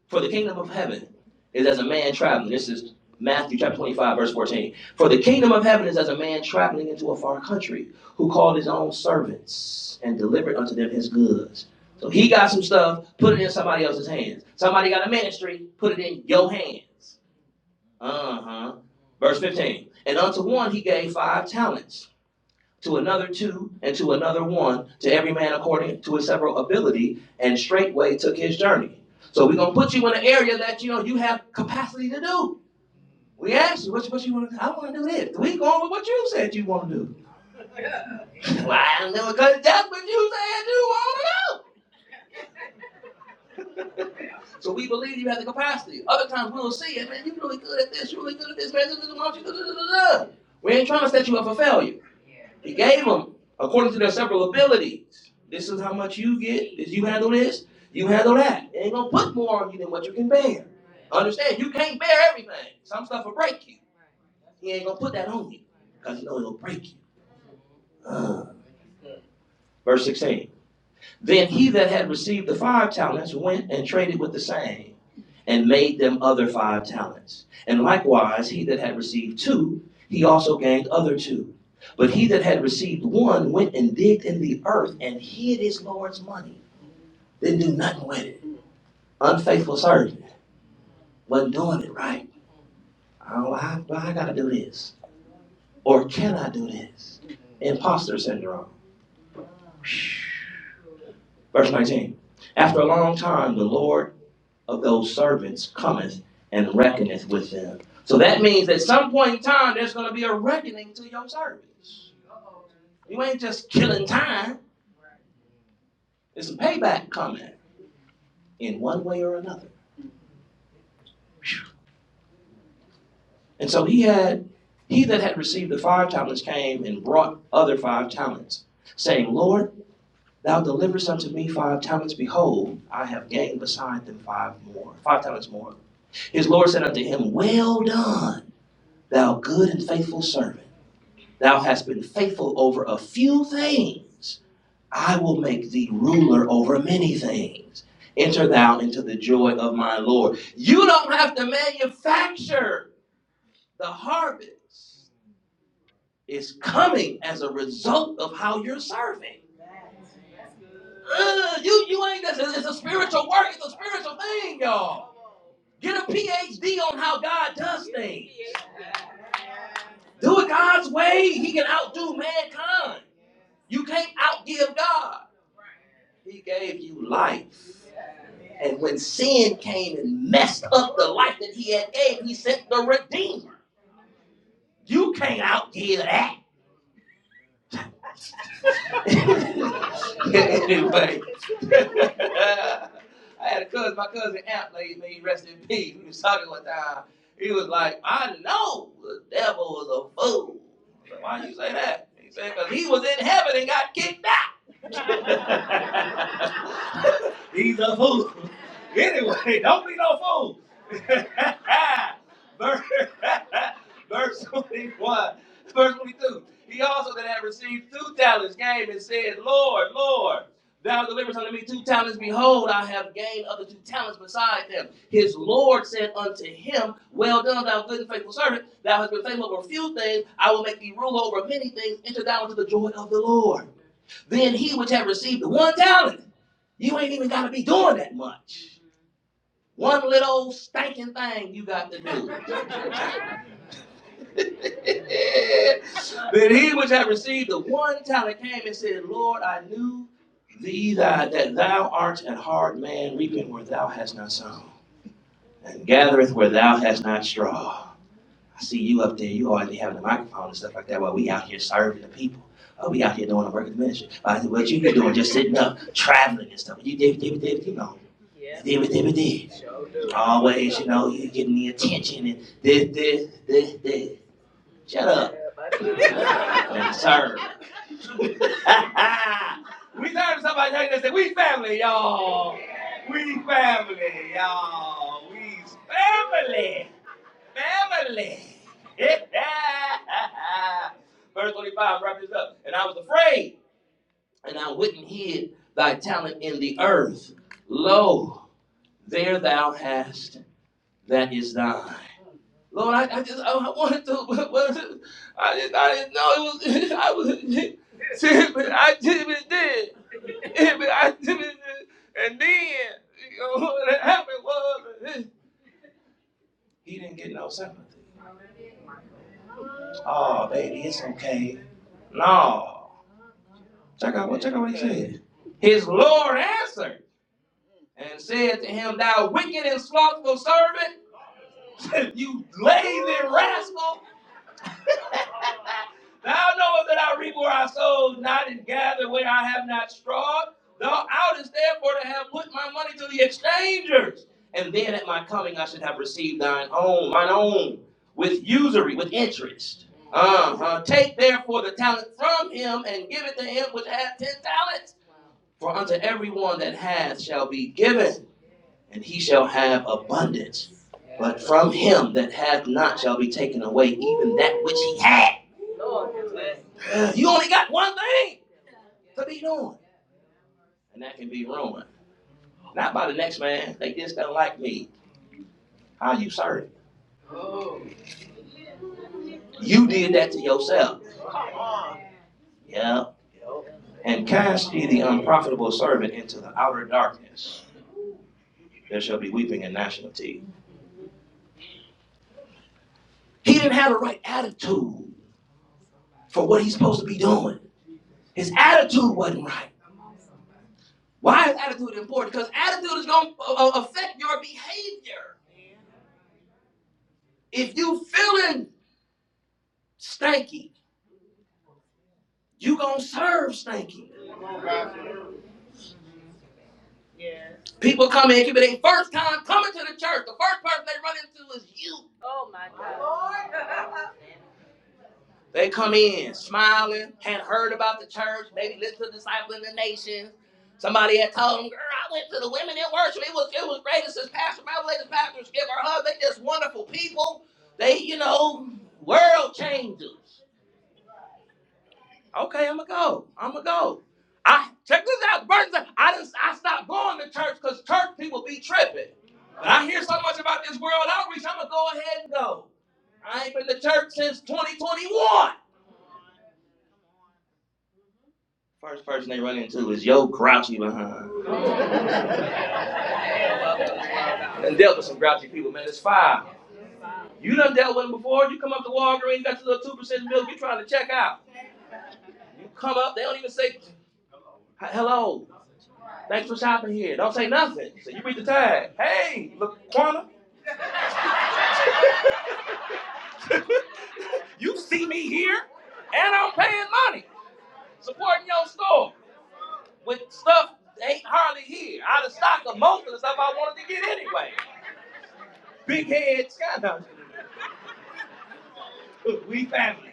S3: For the kingdom of heaven is as a man traveling. This is Matthew chapter 25, verse 14. For the kingdom of heaven is as a man traveling into a far country, who called his own servants and delivered unto them his goods. So he got some stuff, put it in somebody else's hands. Somebody got a ministry, put it in your hands. Uh huh. Verse 15. And unto one he gave five talents to another two, and to another one, to every man according to his several ability, and straightway took his journey. So we're gonna put you in an area that you know you have capacity to do. We asked you, what, what you want to do? I want to do this. We going with what you said you want to do. *laughs* well, I know, because that's what you said you want to do. So we believe you have the capacity. Other times we'll see it, man, you're really good at this, you're really good at this, man, why don't you do- do- do- do?" We ain't trying to set you up for failure. He gave them according to their several abilities. This is how much you get. If you handle this, you handle that. They ain't gonna put more on you than what you can bear. Understand? You can't bear everything. Some stuff will break you. He ain't gonna put that on you because he know it'll break you. Ugh. Verse 16. Then he that had received the five talents went and traded with the same and made them other five talents. And likewise, he that had received two, he also gained other two. But he that had received one went and digged in the earth and hid his Lord's money. Didn't do nothing with it. Unfaithful servant. Wasn't doing it right. Oh, I, well, I gotta do this. Or can I do this? Imposter syndrome. Verse 19. After a long time, the Lord of those servants cometh and reckoneth with them. So that means at some point in time, there's going to be a reckoning to your service. You ain't just killing time, there's a payback coming in one way or another. And so he had, he that had received the five talents came and brought other five talents, saying, Lord, thou deliverest unto me five talents. Behold, I have gained beside them five more, five talents more. His Lord said unto him, Well done, thou good and faithful servant. Thou hast been faithful over a few things. I will make thee ruler over many things. Enter thou into the joy of my Lord. You don't have to manufacture the harvest. It's coming as a result of how you're serving. Ugh, you, you ain't, it's a a spiritual work, it's a spiritual thing, y'all. Get a PhD on how God does things. Do it God's way. He can outdo mankind. You can't outgive God. He gave you life. And when sin came and messed up the life that he had gave, he sent the Redeemer. You can't outgive that. *laughs* anyway, *laughs* I had a cousin, my cousin Amp, lady, may rest in peace. We was talking one time. He was like, I know the devil was a fool. I said, Why you say that? He said, because he was in heaven and got kicked out. *laughs* He's a fool. Anyway, don't be no fool. *laughs* verse, *laughs* verse 21, verse 22. He also that had received two talents came and said, Lord, Lord, thou deliverest unto me two talents. Behold, I have gained other two talents beside them. His Lord said unto him, Well done, thou good and faithful servant. Thou hast been faithful over a few things. I will make thee ruler over many things. Enter thou into the joy of the Lord. Then he which had received the one talent, you ain't even got to be doing that much. One little stinking thing you got to do. *laughs* *laughs* but he which had received the one talent came and said, Lord, I knew thee thy, that thou art an hard man, reaping where thou hast not sown, and gathereth where thou hast not straw. I see you up there, you already having the microphone and stuff like that, while we out here serving the people. Uh, we out here doing the work of the ministry. Uh, what you been doing, just sitting up, traveling and stuff. You did, did, did, you know. Yeah. Did, did, did, Always, you know, you getting the attention and this, this, this, this. Shut up. and serve. *laughs* *laughs* we serve somebody like that we family, y'all. We family, y'all. We family. Family. *laughs* Verse 25, wraps this up. And I was afraid, and I went and hid thy talent in the earth. Lo, there thou hast that is thine. Lord, I, I just I wanted to, *laughs* but, but I just I didn't know it was *laughs* I was see, but I typically did, Yeah, *laughs* but I typically did, and then you know what happened was *laughs* he didn't get no sympathy. Oh, baby, it's okay. No, check out what check out what he said. His Lord answered and said to him, "Thou wicked and slothful servant, *laughs* you lazy rascal." Thou knowest that I reap where I sow not and gather where I have not strawed. Thou oughtest therefore to have put my money to the exchangers, and then at my coming I should have received thine own, mine own, with usury, with interest. Uh-huh. Take therefore the talent from him and give it to him which hath ten talents. For unto every one that hath shall be given, and he shall have abundance. But from him that hath not shall be taken away even that which he had. You only got one thing to be doing, and that can be ruined. Not by the next man. They just don't like me. How you serving? You did that to yourself. Yeah. And cast ye the unprofitable servant into the outer darkness. There shall be weeping and gnashing of teeth. He didn't have the right attitude for what he's supposed to be doing. His attitude wasn't right. Why is attitude important? Because attitude is going to affect your behavior. If you feeling stanky, you going to serve stanky. Yeah. People come in, it could be their first time coming to the church. The first person they run into is you. My God. They come in smiling, had heard about the church, maybe listened to Disciple in the Nations. Somebody had told them, girl, I went to the women in worship. It was it was great. It's this pastor, my latest pastor, Skip or Hub. They just wonderful people. They, you know, world changers. Okay, I'ma go. I'ma go. I check this out. Burton said, I didn't I stopped going to church because church people be tripping. But I hear so much about this world outreach, I'ma go ahead and go. I ain't been to church since 2021. First person they run into is yo grouchy behind. And dealt with some grouchy people, man. It's fine. You done dealt with them before. You come up to Walgreens, got your little two percent milk. You trying to check out. You come up, they don't even say hello. Thanks for shopping here. Don't say nothing. So you read the tag. Hey, look, Quanta, *laughs* you see me here, and I'm paying money supporting your store with stuff that ain't hardly here. Out of stock of most of the stuff I wanted to get anyway. Big head, sky. *laughs* We family.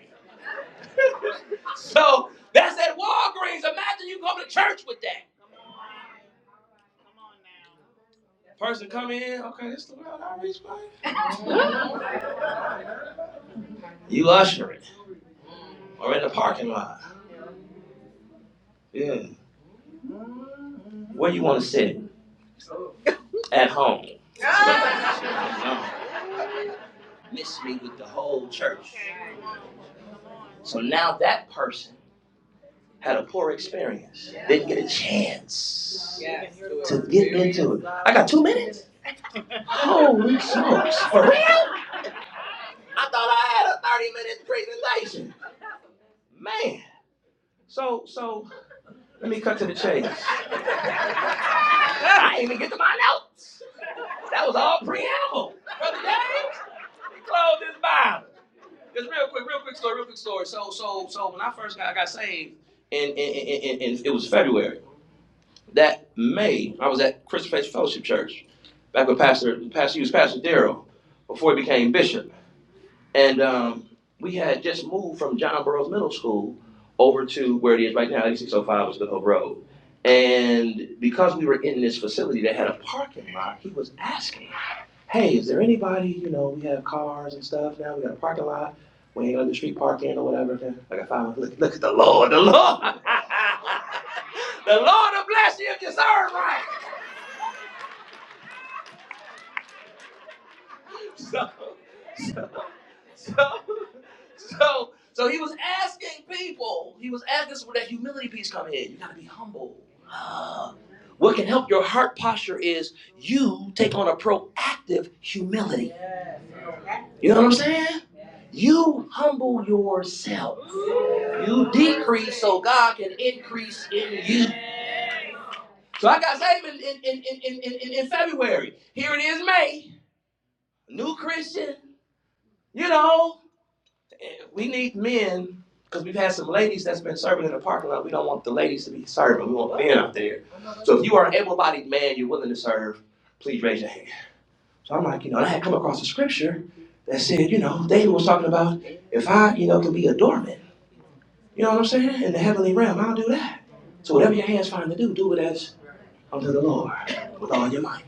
S3: So that's at Walgreens. Imagine you come to church with that. Person come in, okay, this is the world outreach place. *laughs* You ushering or in the parking lot. Yeah. Where you want to sit? At home. No. Miss me with the whole church. So now that person had a poor experience. Didn't get a chance to get into it. I got two minutes? Holy smokes. For real? I thought I had a 30 minute presentation. Man. So, so Let me cut to the chase. *laughs* I ain't even get to my notes. That was all preamble. Brother James, we close this Bible. Just real quick, real quick story, real quick story. So, so, so when I first got, I got saved, and, and, and, and it was February. That May, I was at Christian Faith Fellowship Church, back with Pastor, Pastor, he was Pastor Daryl, before he became bishop. And um, we had just moved from John Burroughs Middle School over to where it is right now, 8605 was the Hope Road. And because we were in this facility that had a parking lot, he was asking, hey, is there anybody, you know, we have cars and stuff now, we got a parking lot, we ain't got the street parking or whatever. okay?" Like, I got five, look, look at the Lord, the Lord. *laughs* the Lord will bless you if you serve right. So, so, so, so, so so he was asking people, he was asking us where that humility piece come in. You gotta be humble. Ah. What can help your heart posture is you take on a proactive humility. You know what I'm saying? You humble yourself. You decrease so God can increase in you. So I got saved in, in, in, in, in in February. Here it is, May. New Christian, you know. Eh, We need men because we've had some ladies that's been serving in the parking lot. We don't want the ladies to be serving. We want men out there. So if you are an able-bodied man, you're willing to serve, please raise your hand. So I'm like, you know, and I had come across a scripture that said, you know, David was talking about if I, you know, can be a doorman, you know what I'm saying, in the heavenly realm, I'll do that. So whatever your hands find to do, do it as unto the Lord with all your might.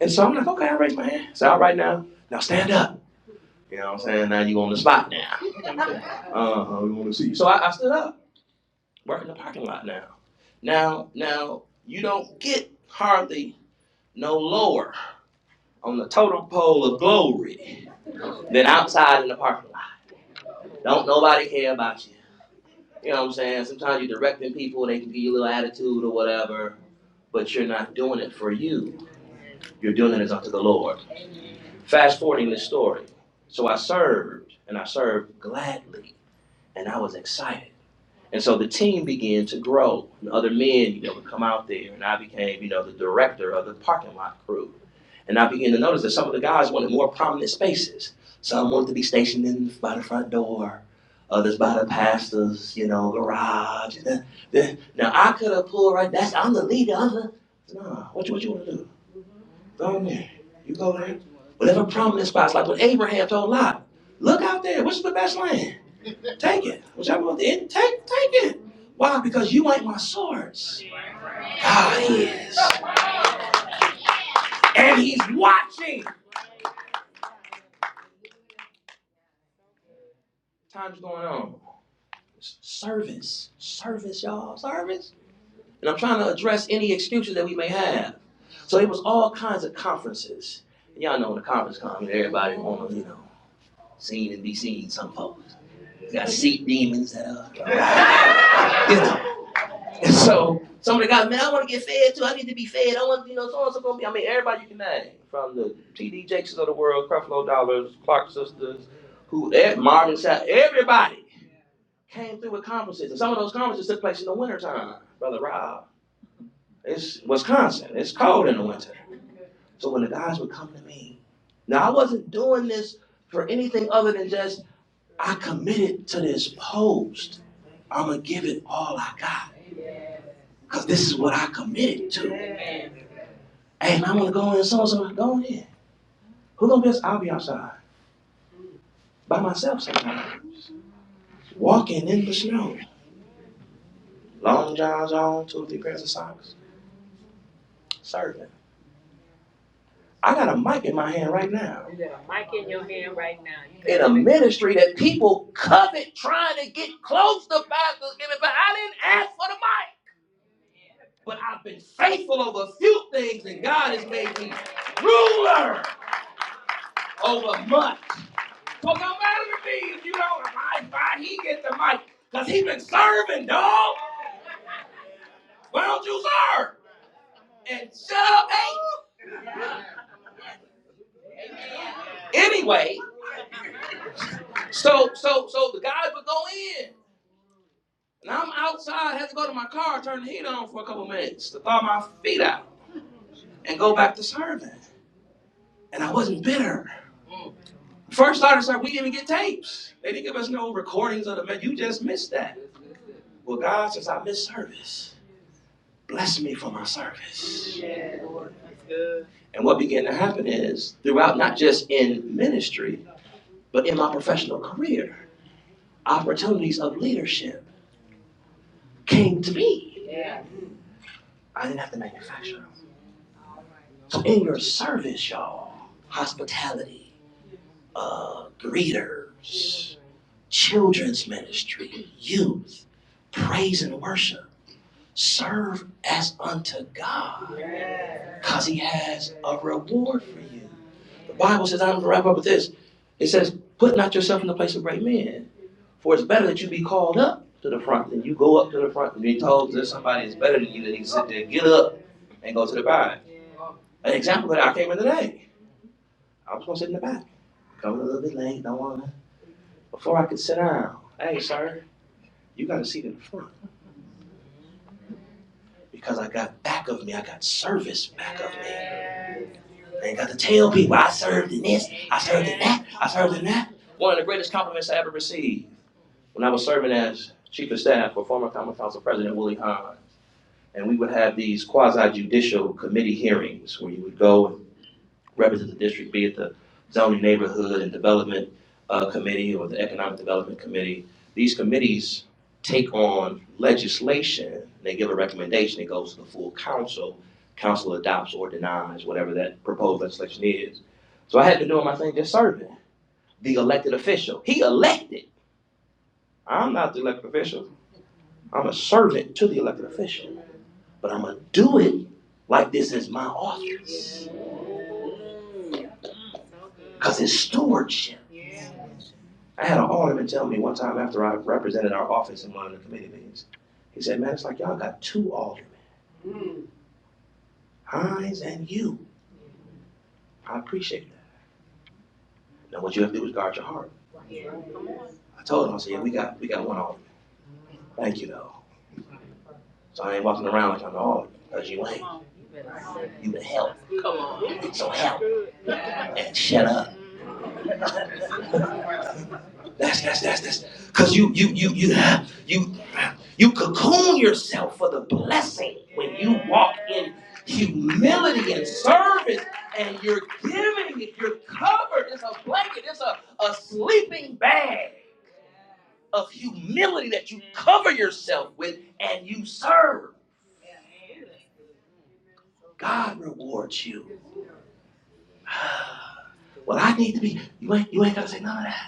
S3: And so I'm like, okay, I raise my hand. So all right now, now stand up. You know what I'm saying? Now you on the spot now. *laughs* Uh huh. We want to see you. So I, I stood up. We're in the parking lot now. Now, now you don't get hardly no lower on the totem pole of glory than outside in the parking lot. Don't nobody care about you. You know what I'm saying? Sometimes you're directing people, they can give you a little attitude or whatever, but you're not doing it for you. You're doing it as unto the Lord. Fast forwarding this story. So I served, and I served gladly, and I was excited. And so the team began to grow. And other men, you know, would come out there, and I became, you know, the director of the parking lot crew. And I began to notice that some of the guys wanted more prominent spaces. Some wanted to be stationed in by the front door, others by the pastor's, you know, garage. then, then- now I could have pulled right. That's I'm the leader. I'm the no. What you what you want to do? Go in there. You go there. Whatever prominent spots, like when Abraham told Lot, look out there. What's the best land? Take it. Whichever one it take, take it. Why? Because you ain't my source. God is. And he's watching. Time's going on. Service. Service, y'all. Service. And I'm trying to address any excuses that we may have. So it was all kinds of conferences. Y'all know when the conference comes, everybody wanna, you know, seen and be seen some folks. You got seat demons that uh, you know. And so some of the guys, man, I want to get fed too. I need to be fed. I want, you know, so and so gonna be. I mean, everybody you can name from the TD Jakes of the world, Creflo Dollars, Clark Sisters, who eh, Marvin Sapp, everybody came through with conferences. And some of those conferences took place in the wintertime, brother Rob. It's Wisconsin. It's cold in the winter. So when the guys would come to me, now I wasn't doing this for anything other than just I committed to this post. I'm going to give it all I got. Because this is what I committed to. Hey, man, I'm gonna go in. Someone, someone, go in. Who gonna be? outside? I'll be outside by myself sometimes. Walking in the snow, long johns on, two or three pairs of socks, serving. I got a mic in my hand right now. You got a mic in your hand right now. You In a ministry that people covet, trying to get close to pastors, giving, but I didn't ask for the mic. But I've been faithful over a few things, and God has made me ruler. over much. So no matter to me if you don't abide by, he get the mic. Cause he been serving, dog. Why don't you serve? And shut up, hey. Anyway, so so so the guys would go in. And I'm outside, had to go to my car, turn the heat on for a couple minutes to thaw my feet out and go back to serving. And I wasn't bitter. First started serving, we didn't even get tapes. They didn't give us no recordings of the man. You just missed that. Well, God says I missed service. Bless me for my service. Yeah, Lord. That's good. And what began to happen is, throughout not just in ministry, but in my professional career, opportunities of leadership came to me. Yeah. I didn't have to manufacture them. So, in your service, y'all, hospitality, uh, greeters, children's ministry, youth, praise and worship, serve as unto God. Yeah. Because he has a reward for you. The Bible says, I'm going to wrap up with this. It says, Put not yourself in the place of great men, for it's better that you be called up to the front than you go up to the front and be told there's somebody that's better than you that he can sit there, get up, and go to the back. An example of that, I came in today. I was going to sit in the back. Coming a little bit late, don't want to. Before I could sit down, hey, sir, you got a seat in the front. Because I got back of me, I got service back of me. I ain't got to tell people I served in this, I served in that, I served in that. One of the greatest compliments I ever received when I was serving as chief of staff for former common council president Willie Hahn, and we would have these quasi judicial committee hearings where you would go and represent the district, be it the zoning neighborhood and development uh, committee or the economic development committee. These committees take on legislation, they give a recommendation, it goes to the full council, council adopts or denies whatever that proposed legislation is. So I had to do my thing just serving the elected official. He elected. I'm not the elected official. I'm a servant to the elected official, but I'm going to do it like this is my office because it's stewardship. I had an alderman tell me one time after I represented our office in one of the committee meetings, he said, Man, it's like y'all got two aldermen, Hines and you. I appreciate that. Now, what you have to do is guard your heart. I told him, I said, Yeah, we got, we got one alderman. Thank you, though. So I ain't walking around like I'm all, cause you ain't. You the help. Come on. So help and shut up. *laughs* That's that's that's that's because you you you you you you cocoon yourself for the blessing when you walk in humility and service and you're giving it, you're covered. It's a blanket, it's a, a sleeping bag of humility that you cover yourself with and you serve. God rewards you. *sighs* Well, I need to be. You ain't, you ain't gotta say none of that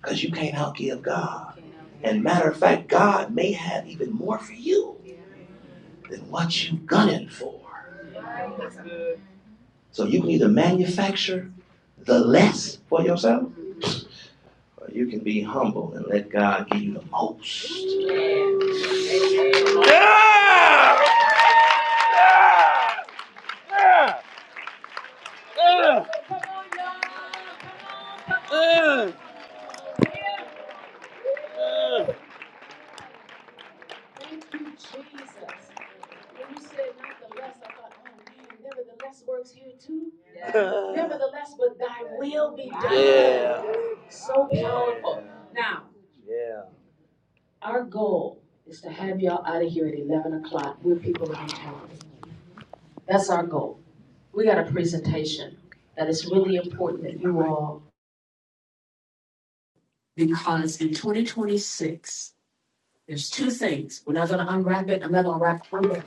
S3: because you can't outgive God. And matter of fact, God may have even more for you than what you gunning for. So you can either manufacture the less for yourself, or you can be humble and let God give you the most. Thank you, Jesus. When you said nevertheless, I thought, oh man, nevertheless works here too. Yeah. *laughs* Nevertheless, but thy will be done. Yeah. So powerful. Now, our goal is to have y'all out of here at eleven o'clock. We're people of integrity. That's our goal. We got a presentation that is really important that you all
S1: because in 2026. There's two things. We're not gonna unwrap it. I'm not gonna wrap it.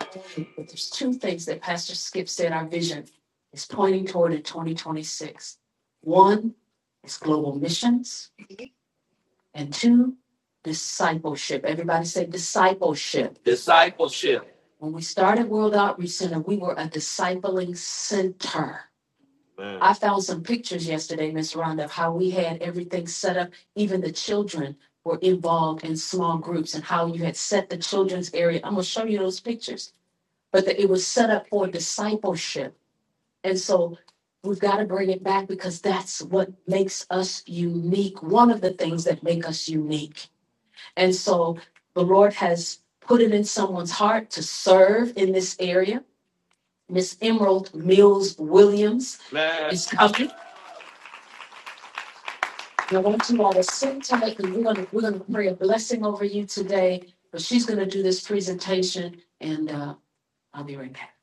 S1: But there's two things that Pastor Skip said our vision is pointing toward in twenty twenty-six. One is global missions and two, discipleship. Everybody say discipleship. When we started World Outreach Center, we were a discipling center. I found some pictures yesterday, Miss Rhonda, of how we had everything set up, even the children were involved in small groups and how you had set the children's area. I'm gonna show you those pictures but that it was set up for discipleship. And so we've got to bring it back because that's what makes us unique, one of the things that make us unique. And so the Lord has put it in someone's heart to serve in this area. Miss Emerald Mills Williams is coming. And I want you all to sit tight and we're gonna we're gonna pray a blessing over you today. But she's gonna do this presentation and uh, I'll be right back.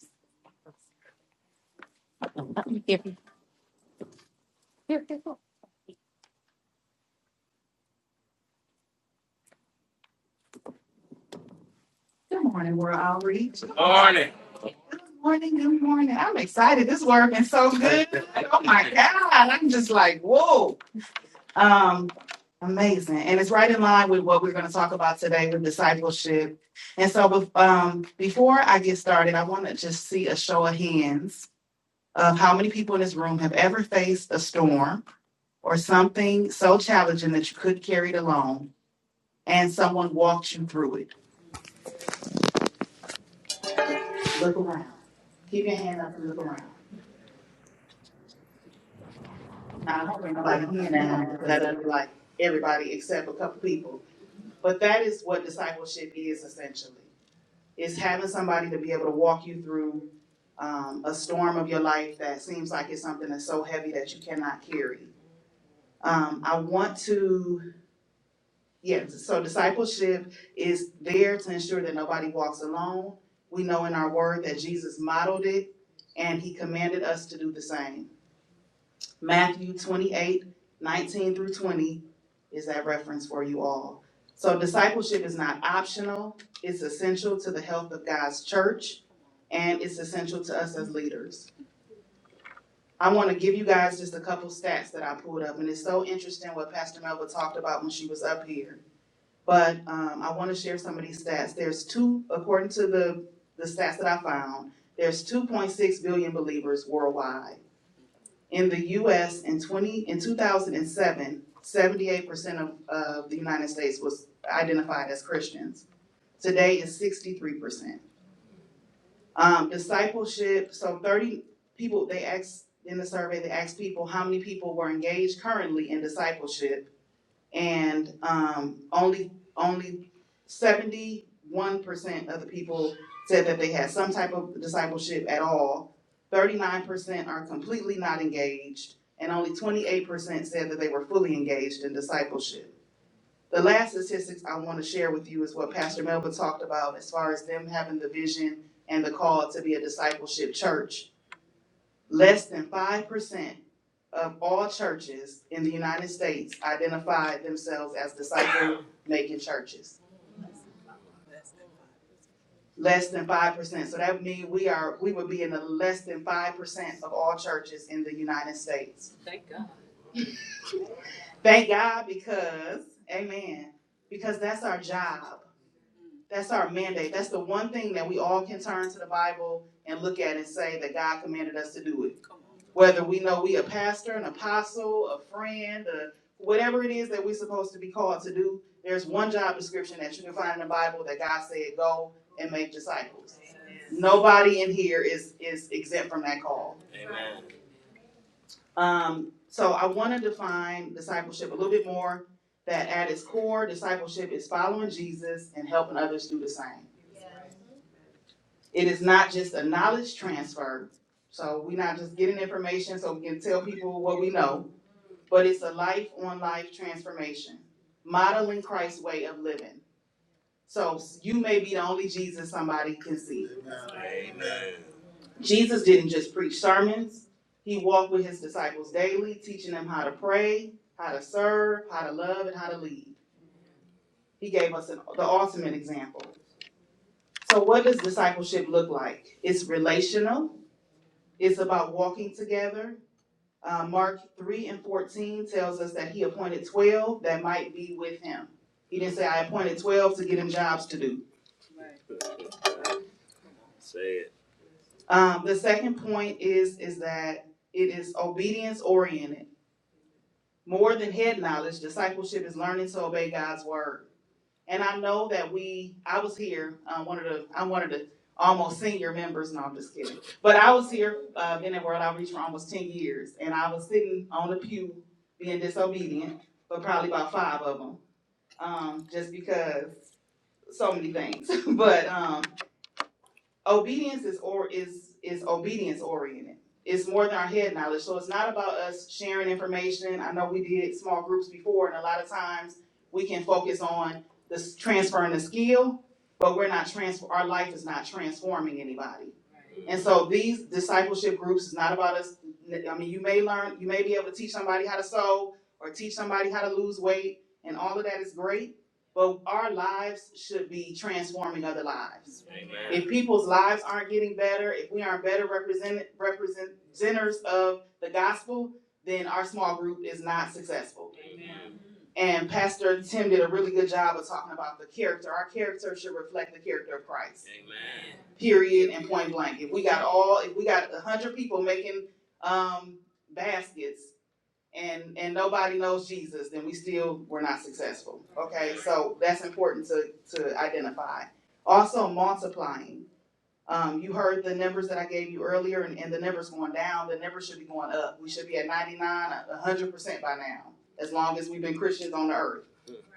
S1: in line with what we're going to talk about today with discipleship. And so, um, before I get started, I want to just see a show of hands of how many people in this room have ever faced a storm or something so challenging that you couldn't carry it alone and someone walked you through it.
S2: Look around. Keep your hand up and look around. Not like come down because that'll be like everybody except a couple people. But that is what discipleship is essentially. It's having somebody to be able to walk you through um, a storm of your life that seems like it's something that's so heavy that you cannot carry. Um, I want to Yeah, so discipleship is there to ensure that nobody walks alone. We know in our word that Jesus modeled it and he commanded us to do the same. Matthew 28:19 through 20 is that reference for you all. So, discipleship is not optional, it's essential to the health of God's church and it's essential to us as leaders. I want to give you guys just a couple stats that I pulled up, and it's so interesting what Pastor Melba talked about when she was up here but um, I want to share some of these stats. There's two, according to the, the stats that I found, there's 2.6 billion believers worldwide. In the U.S. in 20 in 2007, 78 percent of, of the United States was identified as Christians. Today is 63 percent. Um, discipleship. So 30 people they asked in the survey. They asked people how many people were engaged currently in discipleship and um, only only seventy one percent of the people said that they had some type of discipleship at all. Thirty nine percent are completely not engaged, and only twenty eight percent said that they were fully engaged in discipleship. The last statistics I want to share with you is what Pastor Melba talked about as far as them having the vision and the call to be a discipleship church. Less than five percent of all churches in the United States identified themselves as disciple-making churches. Less than five percent, so that would mean we are, we would be in the less than five percent of all churches in the United States. Thank God. Thank God because, amen, because that's our job. That's our mandate. That's the one thing that we all can turn to the Bible and look at and say that God commanded us to do it. whether we know we a pastor, an apostle, a friend, a, whatever it is that we're supposed to be called to do, there's one job description that you can find in the Bible that God said, go and make disciples. Nobody in here is is exempt from that call. Amen. Um, so I want to define discipleship a little bit more. That at its core, discipleship is following Jesus and helping others do the same. It is not just a knowledge transfer. So we're not just getting information so we can tell people what we know but it's a life on life transformation, modeling Christ's way of living. So you may be the only Jesus somebody can see. Amen. Jesus didn't just preach sermons, he walked with his disciples daily, teaching them how to pray, how to serve, how to love, and how to lead. He gave us an, the ultimate example. So, what does discipleship look like? It's relational, it's about walking together, Uh, Mark three and fourteen tells us that he appointed twelve that might be with him. He didn't say, I appointed twelve to get him jobs to do. Right. Um, the second point is, is that it is obedience oriented. More than head knowledge, discipleship is learning to obey God's word. And I know that we, I was here, uh, one of the, I'm one of the almost senior members, no, I'm just kidding. But I was here, uh, been at World Outreach for almost ten years, and I was sitting on the pew being disobedient, but probably about five of them, um, just because so many things. *laughs* But, um, obedience is or is is obedience oriented. It's more than our head knowledge. So it's not about us sharing information. I know we did small groups before, and a lot of times we can focus on the transferring the skill, but we're not transfer. Our life is not transforming anybody. And so these discipleship groups is not about us. I mean, you may learn, you may be able to teach somebody how to sew or teach somebody how to lose weight, and all of that is great. But our lives should be transforming other lives. Amen. If people's lives aren't getting better, if we aren't better represent, representers of the gospel, then our small group is not successful. And Pastor Tim did a really good job of talking about the character. Our character should reflect the character of Christ period and point blank. If we got all, if we got a hundred people making um baskets and and nobody knows Jesus, then we still were not successful. Okay, so that's important to to identify. Also multiplying. Um, you heard the numbers that I gave you earlier, and, and the numbers going down. The numbers should be going up. We should be at 99, 100 percent by now, as long as we've been Christians on the earth.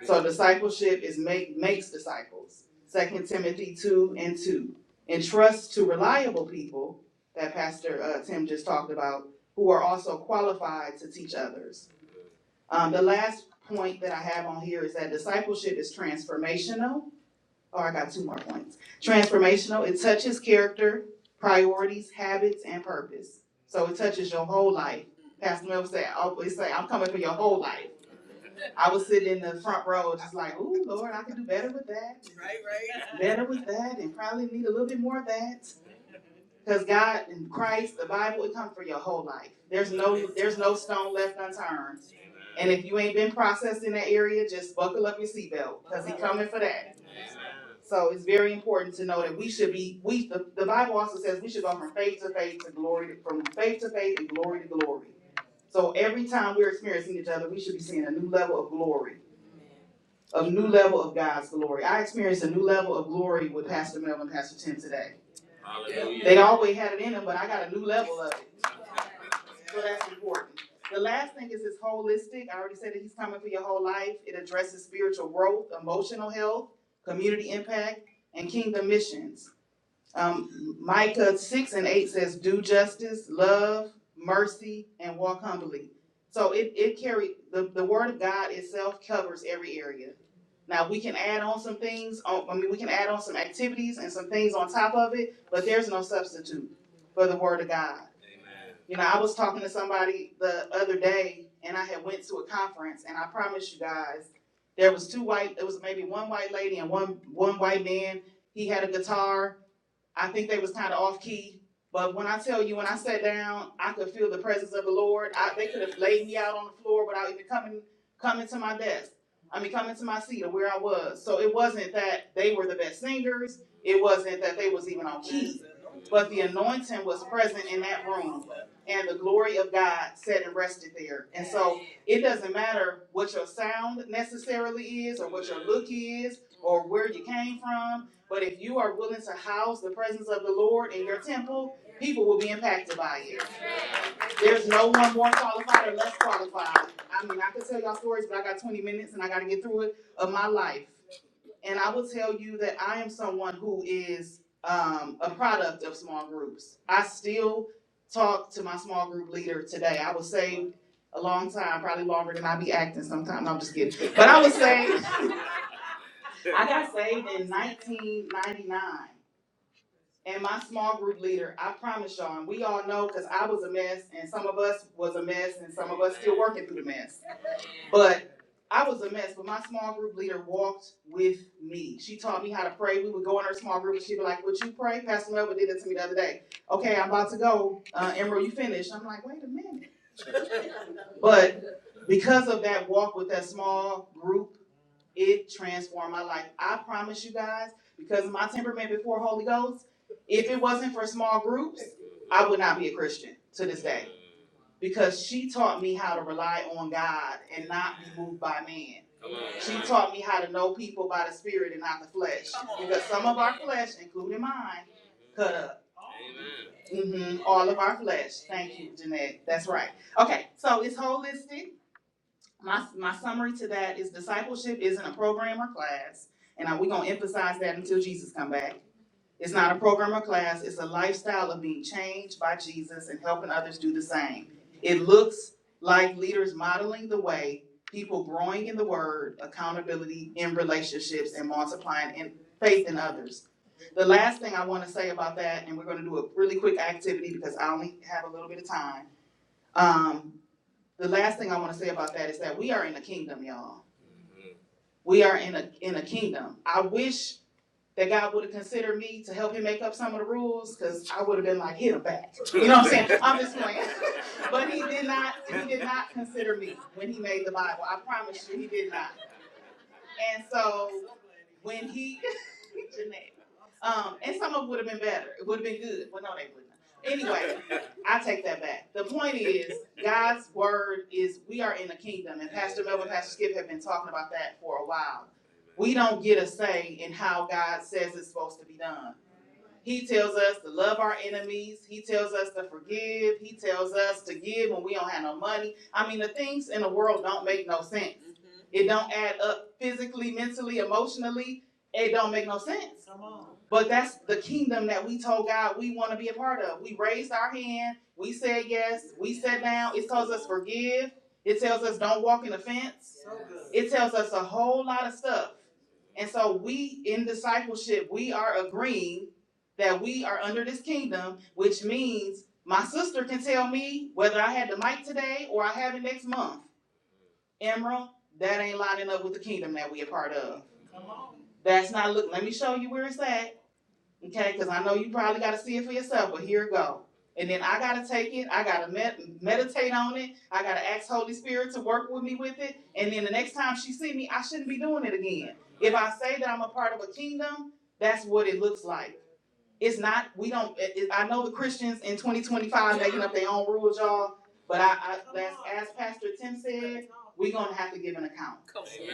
S2: So discipleship is make makes disciples. Second Timothy two and two. Entrust to reliable people that Pastor uh, Tim just talked about, who are also qualified to teach others. Um, the last point that I have on here is that discipleship is transformational. Oh, I got two more points. Transformational. It touches character, priorities, habits, and purpose. So it touches your whole life. Pastor Mel said, I always say, I'm coming for your whole life. I was sitting in the front row, just like, ooh, Lord, I can do better with that. Right, right. Better with that, and probably need a little bit more of that. Because God and Christ, the Bible, it comes for your whole life. There's no there's no stone left unturned. And if you ain't been processed in that area, just buckle up your seatbelt because He's coming for that. So it's very important to know that we should be we the, the Bible also says we should go from faith to faith to glory to, from faith to faith and glory to glory. So every time we're experiencing each other, we should be seeing a new level of glory of new level of God's glory. I experienced a new level of glory with Pastor Mel and Pastor Tim today. Hallelujah. They'd always had it in them, but I got a new level of it. So that's important. The last thing is this holistic. I already said that he's coming for your whole life. It addresses spiritual growth, emotional health, community impact, and kingdom missions. Um, Micah six and eight says, "Do justice, love, mercy, and walk humbly." So it it carries the the word of God itself covers every area. Now we can add on some things. On, I mean, we can add on some activities and some things on top of it, but there's no substitute for the word of God. Amen. You know, I was talking to somebody the other day, and I had went to a conference, and I promise you guys, there was two white. It was maybe one white lady and one one white man. He had a guitar I think they was kind of off key. But when I tell you, when I sat down, I could feel the presence of the Lord. I, they could have laid me out on the floor without even coming coming to my desk. I mean, coming to my seat or where I was. So it wasn't that they were the best singers. It wasn't that they was even on key. But the anointing was present in that room, and the glory of God sat and rested there. And so it doesn't matter what your sound necessarily is, or what your look is, or where you came from but if you are willing to house the presence of the Lord in your temple, people will be impacted by it. There's no one more qualified or less qualified. I mean, I could tell y'all stories, but I got 20 minutes and I got to get through it of my life. And I will tell you that I am someone who is um, a product of small groups. I still talk to my small group leader today. I was saved a long time, probably longer than I be acting sometimes. No, I'm just kidding. But I was saved, *laughs* I got saved in 1999 and my small group leader, I promise y'all, and we all know because I was a mess, and some of us was a mess, and some of us still working through the mess. But I was a mess, but my small group leader walked with me. She taught me how to pray. We would go in her small group, and she'd be like, Would you pray? Pastor Melvin did it to me the other day. Okay, I'm about to go. Uh, Emerald, you finished. I'm like, Wait a minute. *laughs* But because of that walk with that small group, it transformed my life. I promise you guys, because of my temperament before Holy Ghost, if it wasn't for small groups, I would not be a Christian to this day. Because she taught me how to rely on God and not be moved by man. She taught me how to know people by the spirit and not the flesh. Because some of our flesh, including mine, cut up. Amen. Mm-hmm. All of our flesh. Thank you, Jeanette. That's right. Okay, so it's holistic. My, my summary to that is discipleship isn't a program or class, and we're gonna emphasize that until Jesus come back. It's not a program or class, it's a lifestyle of being changed by Jesus and helping others do the same. It looks like leaders modeling the way, people growing in the word, accountability in relationships, and multiplying in faith in others. The last thing I wanna say about that, and we're gonna do a really quick activity because I only have a little bit of time. Um, the last thing I wanna say about that is that we are in a kingdom, y'all. We are in a, in a kingdom. I wish that God would've considered me to help him make up some of the rules, cause I would've been like, hit him back. *laughs* You know what I'm saying? *laughs* I'm just playing. *laughs* But he did not, he did not consider me when he made the Bible. I promise you, he did not. And so when he, *laughs* Um, and some of it would have been better. It would have been good, Well, no, they wouldn't. Anyway, *laughs* I take that back. The point is, God's word is we are in the kingdom, and Pastor Melvin, Pastor Skip have been talking about that for a while. We don't get a say in how God says it's supposed to be done. He tells us to love our enemies. He tells us to forgive. He tells us to give when we don't have no money. I mean, the things in the world don't make no sense. Mm-hmm. It don't add up physically, mentally, emotionally. It don't make no sense. Come on. But that's the kingdom that we told God we want to be a part of. We raised our hand. We said yes. We sat down. It tells us forgive. It tells us don't walk in offense. So good. It tells us a whole lot of stuff. And so we in discipleship, we are agreeing that we are under this kingdom, which means my sister can tell me whether I had the mic today or I have it next month. Emerald, that ain't lining up with the kingdom that we are part of. That's not look. Let me show you where it's at, okay? Because I know you probably got to see it for yourself. But here it go. And then I gotta take it. I gotta med- meditate on it. I gotta ask Holy Spirit to work with me with it. And then the next time she see me, I shouldn't be doing it again. If I say that I'm a part of a kingdom, that's what it looks like it's not, we don't, it, it- I know the Christians in twenty twenty-five making up their own rules, y'all, but I, I, as, as Pastor Tim said, we are gonna have to give an account. Amen.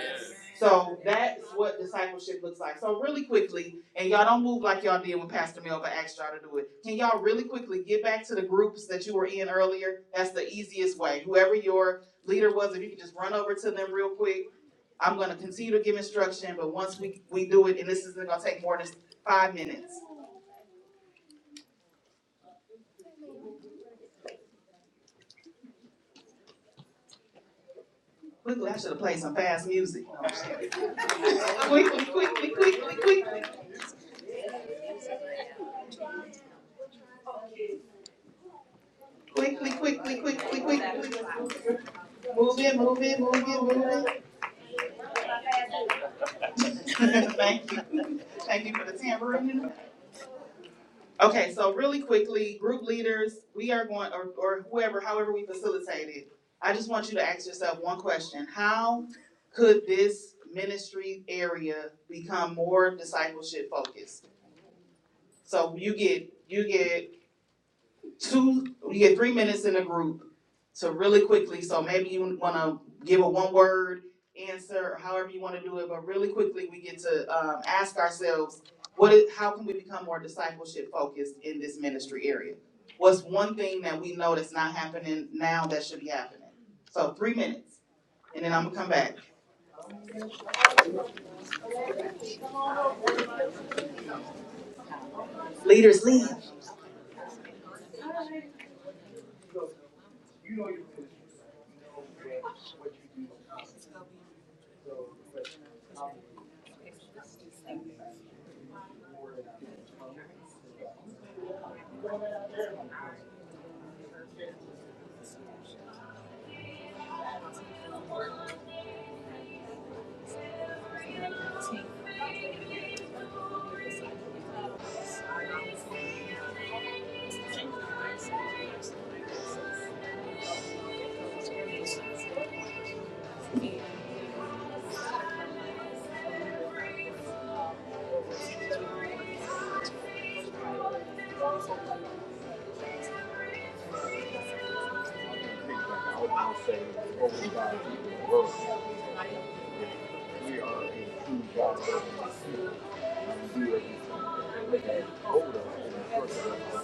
S2: So that's what discipleship looks like. So really quickly, and y'all don't move like y'all did when Pastor Melba asked y'all to do it. Can y'all really quickly get back to the groups that you were in earlier? That's the easiest way. Whoever your leader was, if you could just run over to them real quick. I'm gonna continue to give instruction, but once we, we do it, and this isn't gonna take more than five minutes. Quickly, I should have played some fast music. *laughs* Quickly, quickly, quickly, quickly, quickly, quickly, quickly, quickly. Move in, move in, move in, move in. *laughs* Thank you, thank you for the tambourine. Okay, so really quickly, group leaders, we are going, or, or whoever, however we facilitate it. I just want you to ask yourself one question. How could this ministry area become more discipleship focused? So you get, you get two, you get three minutes in a group. So really quickly, so maybe you wanna give a one word answer, however you wanna do it, but really quickly, we get to um ask ourselves, what is, how can we become more discipleship focused in this ministry area? What's one thing that we know that's not happening now that should be happening? So three minutes, and then I'm gonna come back. Leaders leave.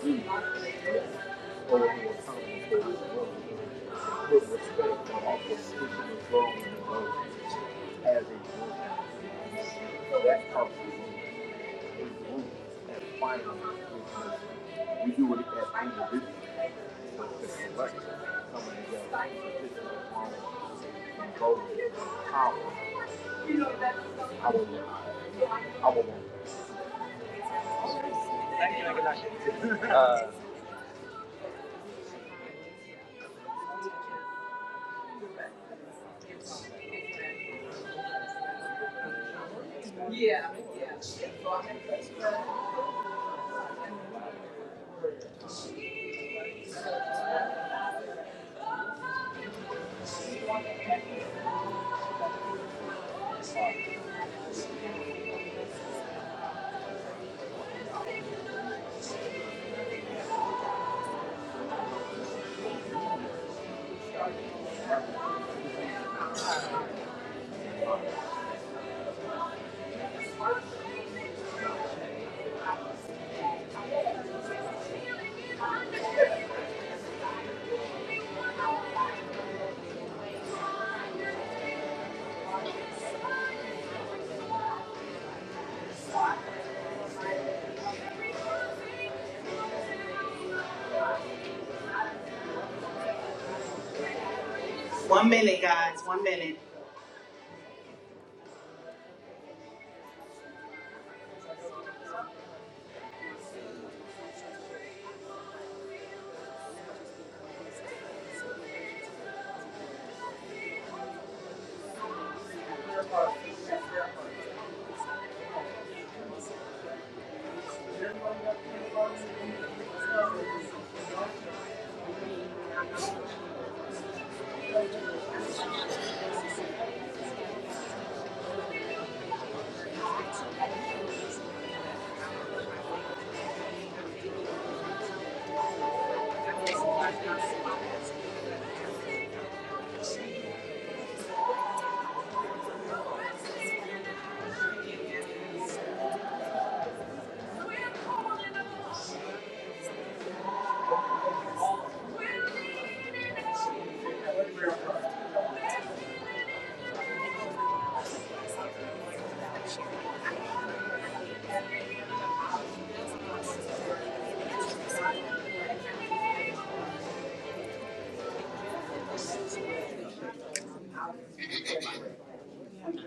S2: We are a team. We do it as individuals, but the collective coming together is involved in power, our lives. Thank you. Uh, One minute, guys. One minute.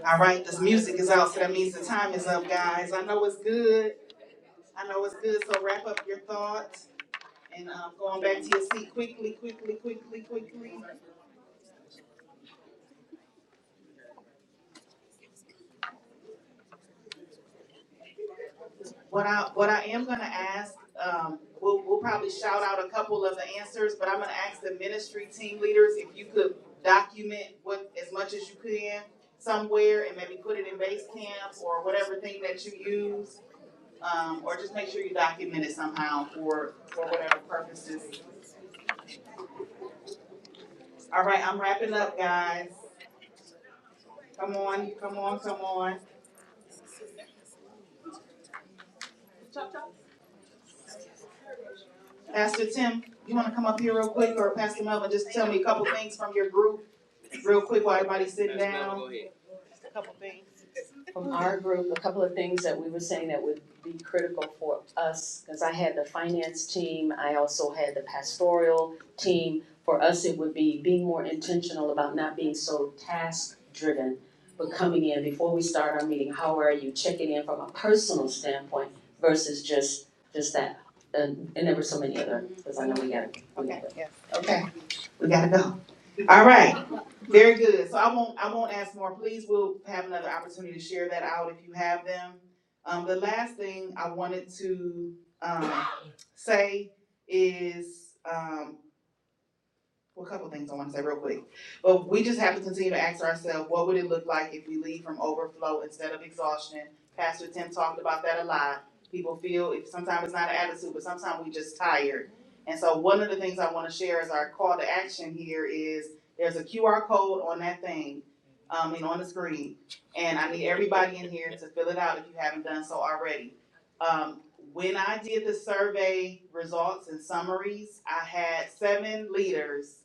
S2: All right, this music is out, so that means the time is up, guys. I know it's good. I know it's good, so wrap up your thoughts and um, going back to your seat quickly, quickly, quickly, quickly. What I, what I am gonna ask, um, we'll, we'll probably shout out a couple of the answers, but I'm gonna ask the ministry team leaders if you could document what, as much as you can somewhere and maybe put it in base camp or whatever thing that you use. Um, or just make sure you document it somehow for, for whatever purposes. All right, I'm wrapping up, guys. Come on, come on, come on. Pastor Tim, you wanna come up here real quick or Pastor Melvin, just tell me a couple things from your group real quick while everybody's sitting down. from our group, a couple of things that we were saying that would be critical for us, because I had the finance team, I also had the pastoral team. For us, it would be being more intentional about not being so task driven, but coming in before we start our meeting, how are you, checking in from a personal standpoint versus just, just that. And, and there were so many other, because I know we got. to. Okay. yeah. Okay, we gotta go. All right, very good. So I won't, I won't ask more, please. We'll have another opportunity to share that out if you have them. Um, the last thing I wanted to, um, say is, um, well, a couple things I wanna say real quick. But we just have to continue to ask ourselves, what would it look like if we lead from overflow instead of exhaustion? Pastor Tim talked about that a lot. People feel, if sometimes it's not an attitude, but sometimes we just tired. And so one of the things I wanna share is our call to action here is, there's a QR code on that thing, um, and on the screen. And I need everybody in here to fill it out if you haven't done so already. Um, when I did the survey results and summaries, I had seven leaders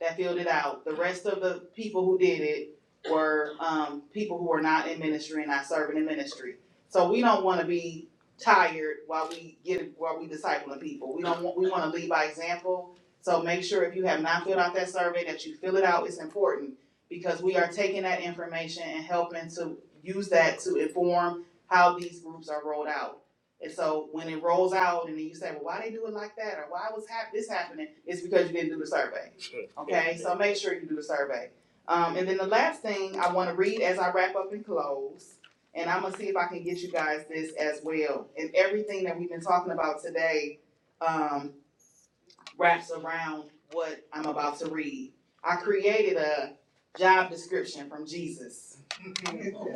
S2: that filled it out. The rest of the people who did it were, um, people who are not in ministry and not serving in ministry. So we don't wanna be tired while we get, while we discipling people. We don't want, we wanna lead by example. So make sure if you have not filled out that survey, that you fill it out. It's important because we are taking that information and helping to use that to inform how these groups are rolled out. And so when it rolls out and then you say, well, why they do it like that or why was hap- this happening? It's because you didn't do the survey. Okay, so make sure you do the survey. Um, and then the last thing I wanna read as I wrap up and close, and I'm gonna see if I can get you guys this as well. And everything that we've been talking about today, um, wraps around what I'm about to read. I created a job description from Jesus,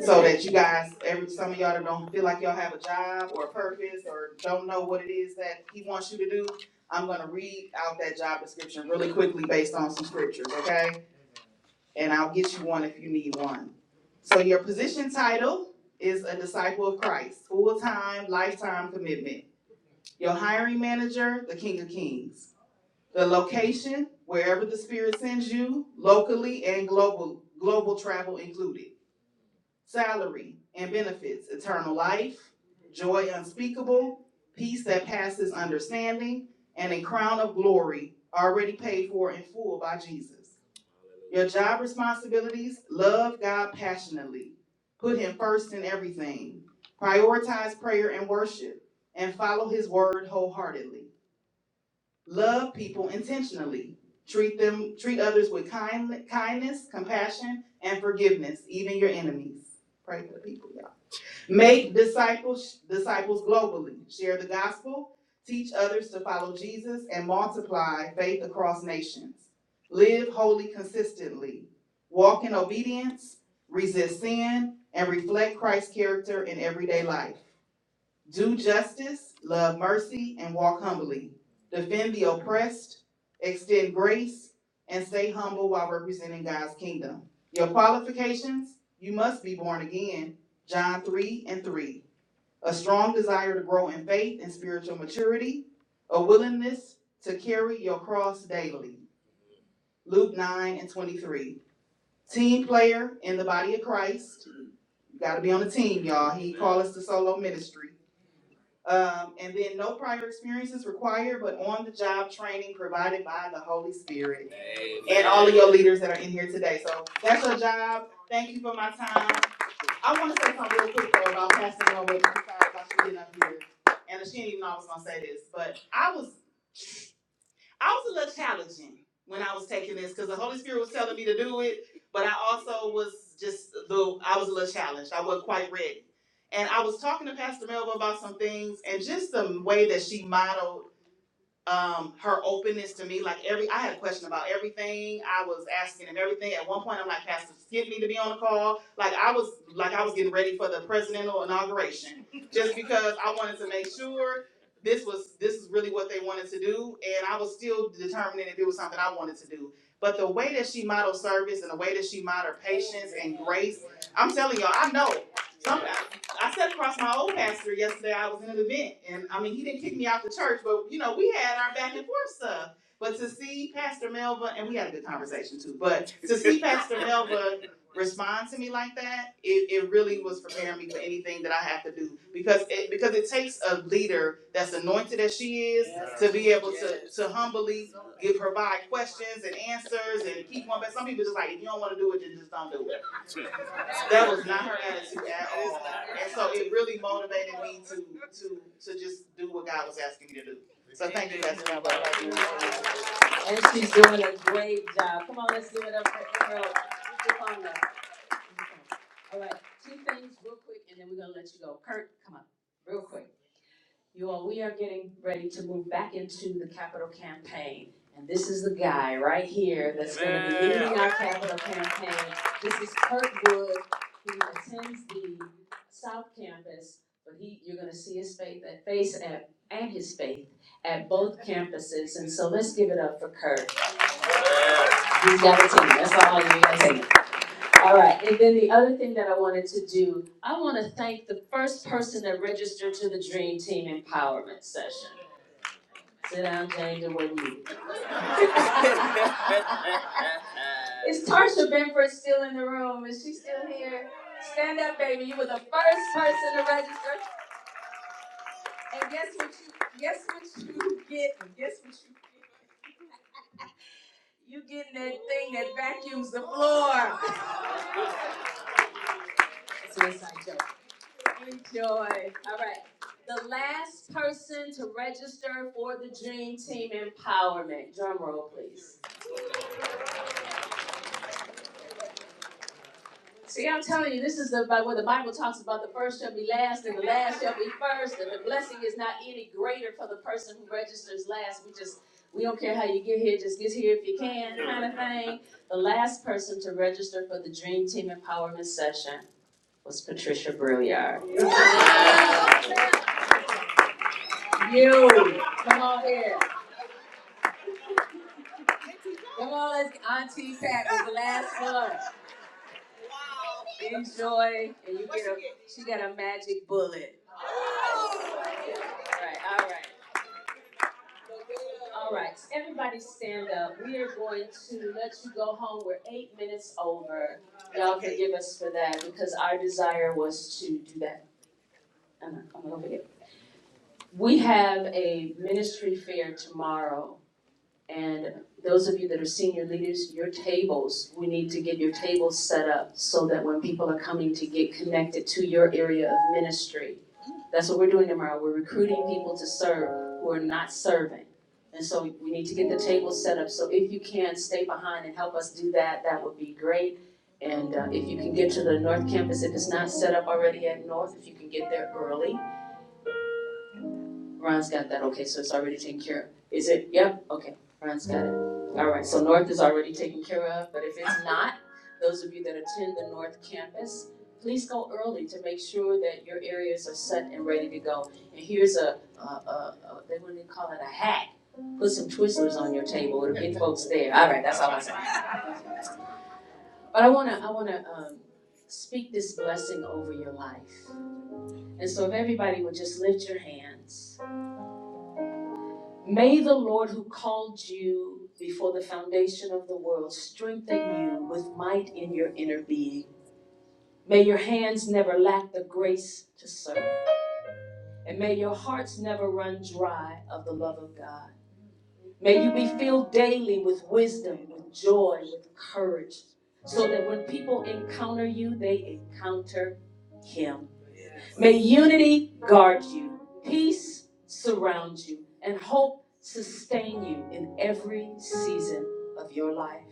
S2: so that you guys, every, some of y'all that don't feel like y'all have a job or a purpose, or don't know what it is that he wants you to do, I'm gonna read out that job description really quickly based on some scriptures, okay? and I'll get you one if you need one. So your position title is a disciple of Christ, full-time, lifetime commitment. Your hiring manager, the King of Kings. The location, wherever the Spirit sends you, locally and global, global travel included. Salary and benefits, eternal life, joy unspeakable, peace that passes understanding, and a crown of glory already paid for in full by Jesus. Your job responsibilities, love God passionately. Put Him first in everything. Prioritize prayer and worship, and follow His word wholeheartedly. Love people intentionally. Treat them, treat others with kind, kindness, compassion, and forgiveness, even your enemies. Pray for the people. Make disciples disciples globally. Share the gospel, teach others to follow Jesus and multiply faith across nations. Live holy consistently. Walk in obedience, resist sin and reflect Christ's character in everyday life. Do justice, love mercy, and walk humbly. Defend the oppressed, extend grace, and stay humble while representing God's kingdom. Your qualifications you must be born again. John 3 and 3. A strong desire to grow in faith and spiritual maturity, a willingness to carry your cross daily. Luke 9 and 23. Team player in the body of Christ. You got to be on the team, y'all. He called us to solo ministry. Um, and then no prior experience is required, but on the job training provided by the Holy Spirit. Amen. And all of your leaders that are in here today. So that's your job. Thank you for my time. I want to say something real quick though about Pastor Norwood. I'm sorry about you getting up here. And she didn't even know I was gonna say this, but I was I was a little challenging when I was taking this because the Holy Spirit was telling me to do it, but I also was just a I was a little challenged. I wasn't quite ready. And I was talking to Pastor Melba about some things and just the way that she modeled um her openness to me like every i had a question about everything i was asking and everything at one point i'm like pastor get me to be on the call like i was like i was getting ready for the presidential inauguration *laughs* just because i wanted to make sure this was this is really what they wanted to do and i was still determining if it was something i wanted to do but the way that she modeled service and the way that she modeled patience and grace i'm telling y'all i know some, I sat across my old pastor yesterday. I was in an event, and I mean, he didn't kick me out the church, but you know, we had our back and forth stuff. But to see Pastor Melva, and we had a good conversation too, but to see *laughs* Pastor Melva respond to me like that, it, it really was preparing me for anything that I have to do because it because it takes a leader that's anointed as she is Yes. to be able Yes. to to humbly give provide questions and answers and keep one. But some people just like if you don't want to do it, then just don't do it. That was not her attitude at all. And so it really motivated me to, to, to just do what God was asking me to do. So thank you, Pastor Kimber. And she's doing a great job. Come on, let's give it up for Emerald. All right, two things real quick, and then we're gonna let you go. Kurt, come on, real quick. You all, we are getting ready to move back into the capital campaign. And this is the guy right here that's gonna be Man. leading our capital campaign. This is Kurt Wood, who attends the South Campus. But he, you're gonna see his faith, that face at, and his faith at both campuses. And so let's give it up for Kurt. He's got a team, that's all you gotta say. All right, and then the other thing that I wanted to do, I wanna thank the first person that registered to the Dream Team Empowerment Session. Sit down, Jane, the way you. *laughs* Is Tarsha Benford still in the room? Is she still here? Stand up, baby, you were the first person to register, and guess what you, guess what you get, guess what you, you getting that thing that vacuums the floor. Enjoy. All right. The last person to register for the Dream Team Empowerment. Drum roll, please. See, I'm telling you, this is about where the Bible talks about the first shall be last and the last shall be first, and the blessing is not any greater for the person who registers last. We just, we don't care how you get here, just get here if you can, kind of thing. The last person to register for the Dream Team Empowerment session was Patricia Brouillard. Yeah. You, come on here. Come on, let's Auntie Pat is the last one. Enjoy, and you get a. She got a magic bullet. All right, all right, all right. Everybody stand up. We are going to let you go home. We're eight minutes over. Y'all forgive us for that because our desire was to do that. I'm not, I'm not gonna forget. We have a ministry fair tomorrow And those of you that are senior leaders, your tables, we need to get your tables set up so that when people are coming to get connected to your area of ministry. That's what we're doing tomorrow. We're recruiting people to serve who are not serving. And so we need to get the tables set up. So if you can, stay behind and help us do that. That would be great. And uh, if you can get to the North Campus, if it's not set up already at North, if you can get there early Ron's got that, okay, so it's already taken care of. Is it, yep, okay, Ron's got it. Alright, so North is already taken care of, but if it's not, those of you that attend the North Campus, please go early to make sure that your areas are set and ready to go. And here's a, a, a, a- they wouldn't even call it a hack, put some Twizzlers on your table, it'll get folks there, alright, that's all I say. But I wanna, I wanna, um, speak this blessing over your life. And so if everybody would just lift your hands May the Lord who called you before the foundation of the world strengthen you with might in your inner being. May your hands never lack the grace to serve, and may your hearts never run dry of the love of God. May you be filled daily with wisdom, with joy, with courage, so that when people encounter you, they encounter Him. May unity guard you, peace surround you, and hope sustain you in every season of your life.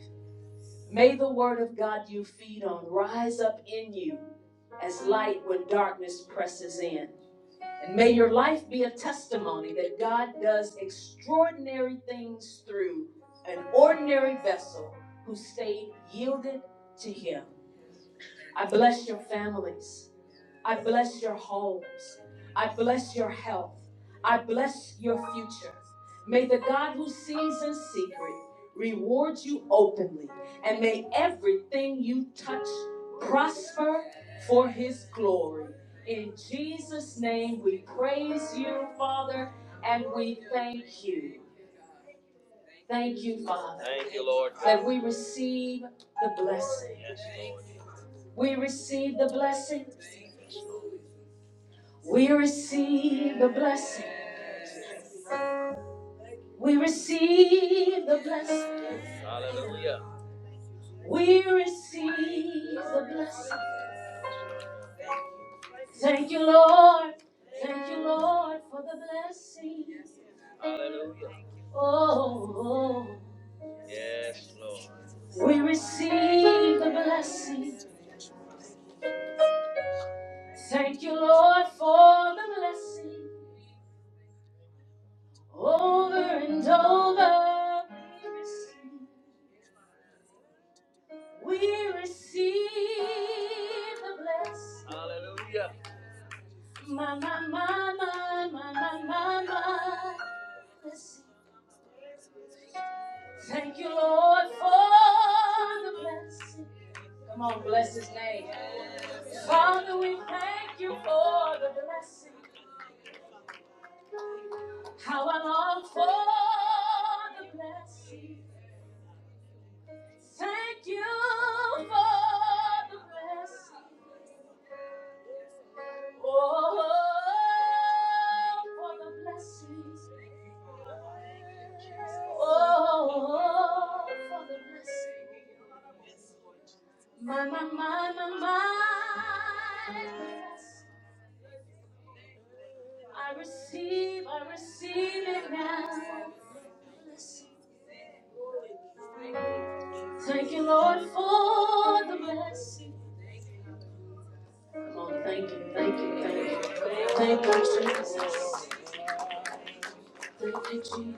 S2: May the word of God you feed on rise up in you as light when darkness presses in. And may your life be a testimony that God does extraordinary things through an ordinary vessel who stayed yielded to Him. I bless your families. I bless your homes. I bless your health. I bless your future. May the God who sees in secret reward you openly, and may everything you touch prosper for his glory. In Jesus' name, we praise you, Father, and we thank you. Thank you, Father, that we receive the blessing. We receive the blessing. We receive the blessing. We receive the blessing. Hallelujah. We receive the blessing. Thank you, Lord. Thank you, Lord, for the blessing. Hallelujah. Oh, oh. Yes, Lord. we receive the blessing. Thank you, Lord, for the blessing. Over and over, we receive the blessing. My, my, my, my, my, my, my, my. Blessing. Thank you, Lord, for the blessing. Come on, bless his name. Father, we thank you for the blessing. Oh, oh, Oh, for the blessing. My, my, my, my, my. Receive, I receive. Thank you, Lord, for the blessing. Come on, thank you, thank you, thank you. Thank you, Jesus. Thank you, Jesus.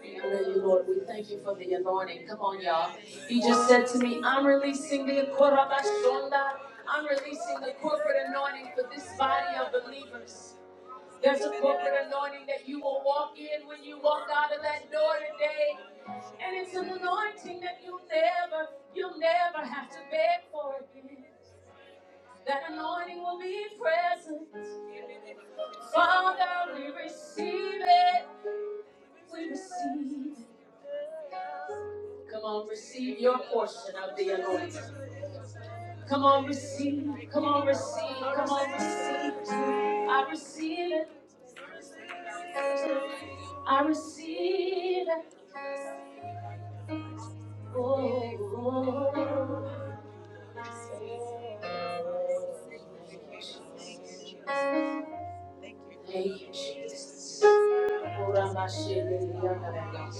S2: I you, Lord. We thank you for the anointing. Come on, y'all. He just said to me, I'm releasing the Korabashonda. I'm releasing the corporate anointing for this body of believers. There's a corporate anointing that you will walk in when you walk out of that door today. And it's an anointing that you'll never, you'll never have to beg for again. That anointing will be present. Father, we receive it. We receive it. Come on, receive your portion of the anointing. Come on, receive. Come on, receive. Come on, receive. I receive it. I receive it. Oh, oh, oh. thank you, Jesus. Oh, Rama Shiri, Rama.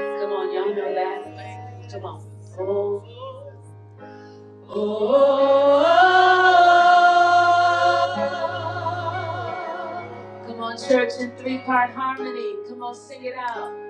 S2: Come on, y'all know that. Come on. Oh, come on, church in three part harmony. Come on, sing it out.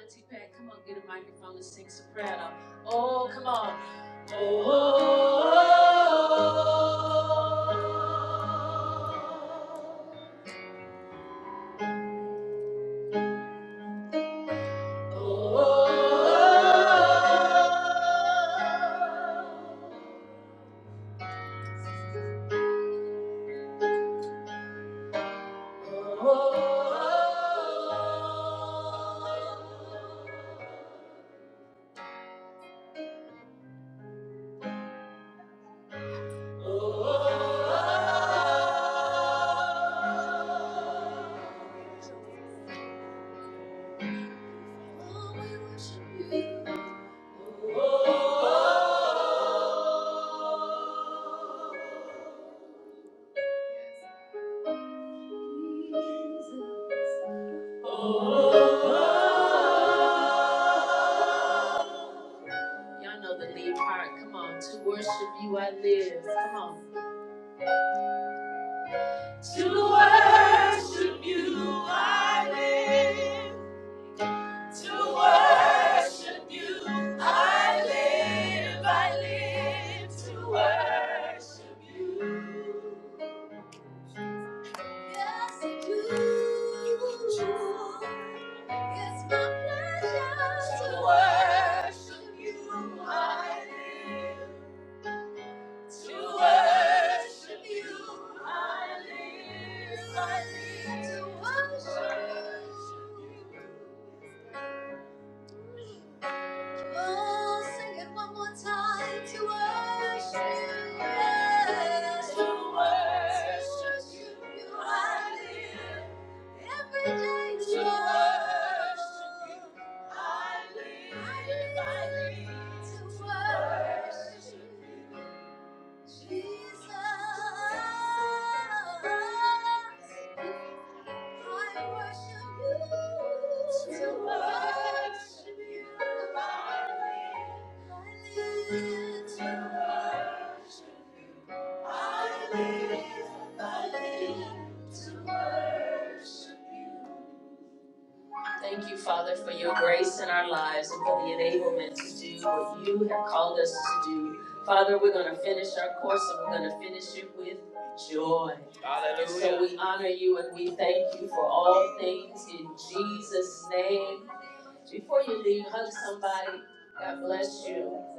S2: Auntie Pat, come on, get a microphone and sing soprano. Oh, come on. Y'all know the lead part. Come on, to worship you. to worship you. I live to worship you. It's my pleasure to worship you. I live to worship you. I live, I live to worship you. Oh, sing it one more time to worship. To worship you, I live. Every day to worship I live. I live to worship Jesus. I worship you. I live to worship you. live, I live to worship. Thank you, Father, for your grace in our lives and for the enablement to do what you have called us to do. Father, we're going to finish our course and we're going to finish it with joy. Hallelujah. And so we honor you and we thank you for all things in Jesus' name. Before you leave, hug somebody. God bless you.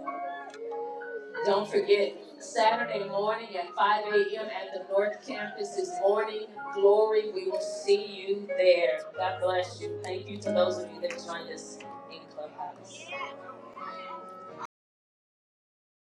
S2: Don't forget, Saturday morning at 5 a.m. at the North Campus is morning glory. See you there.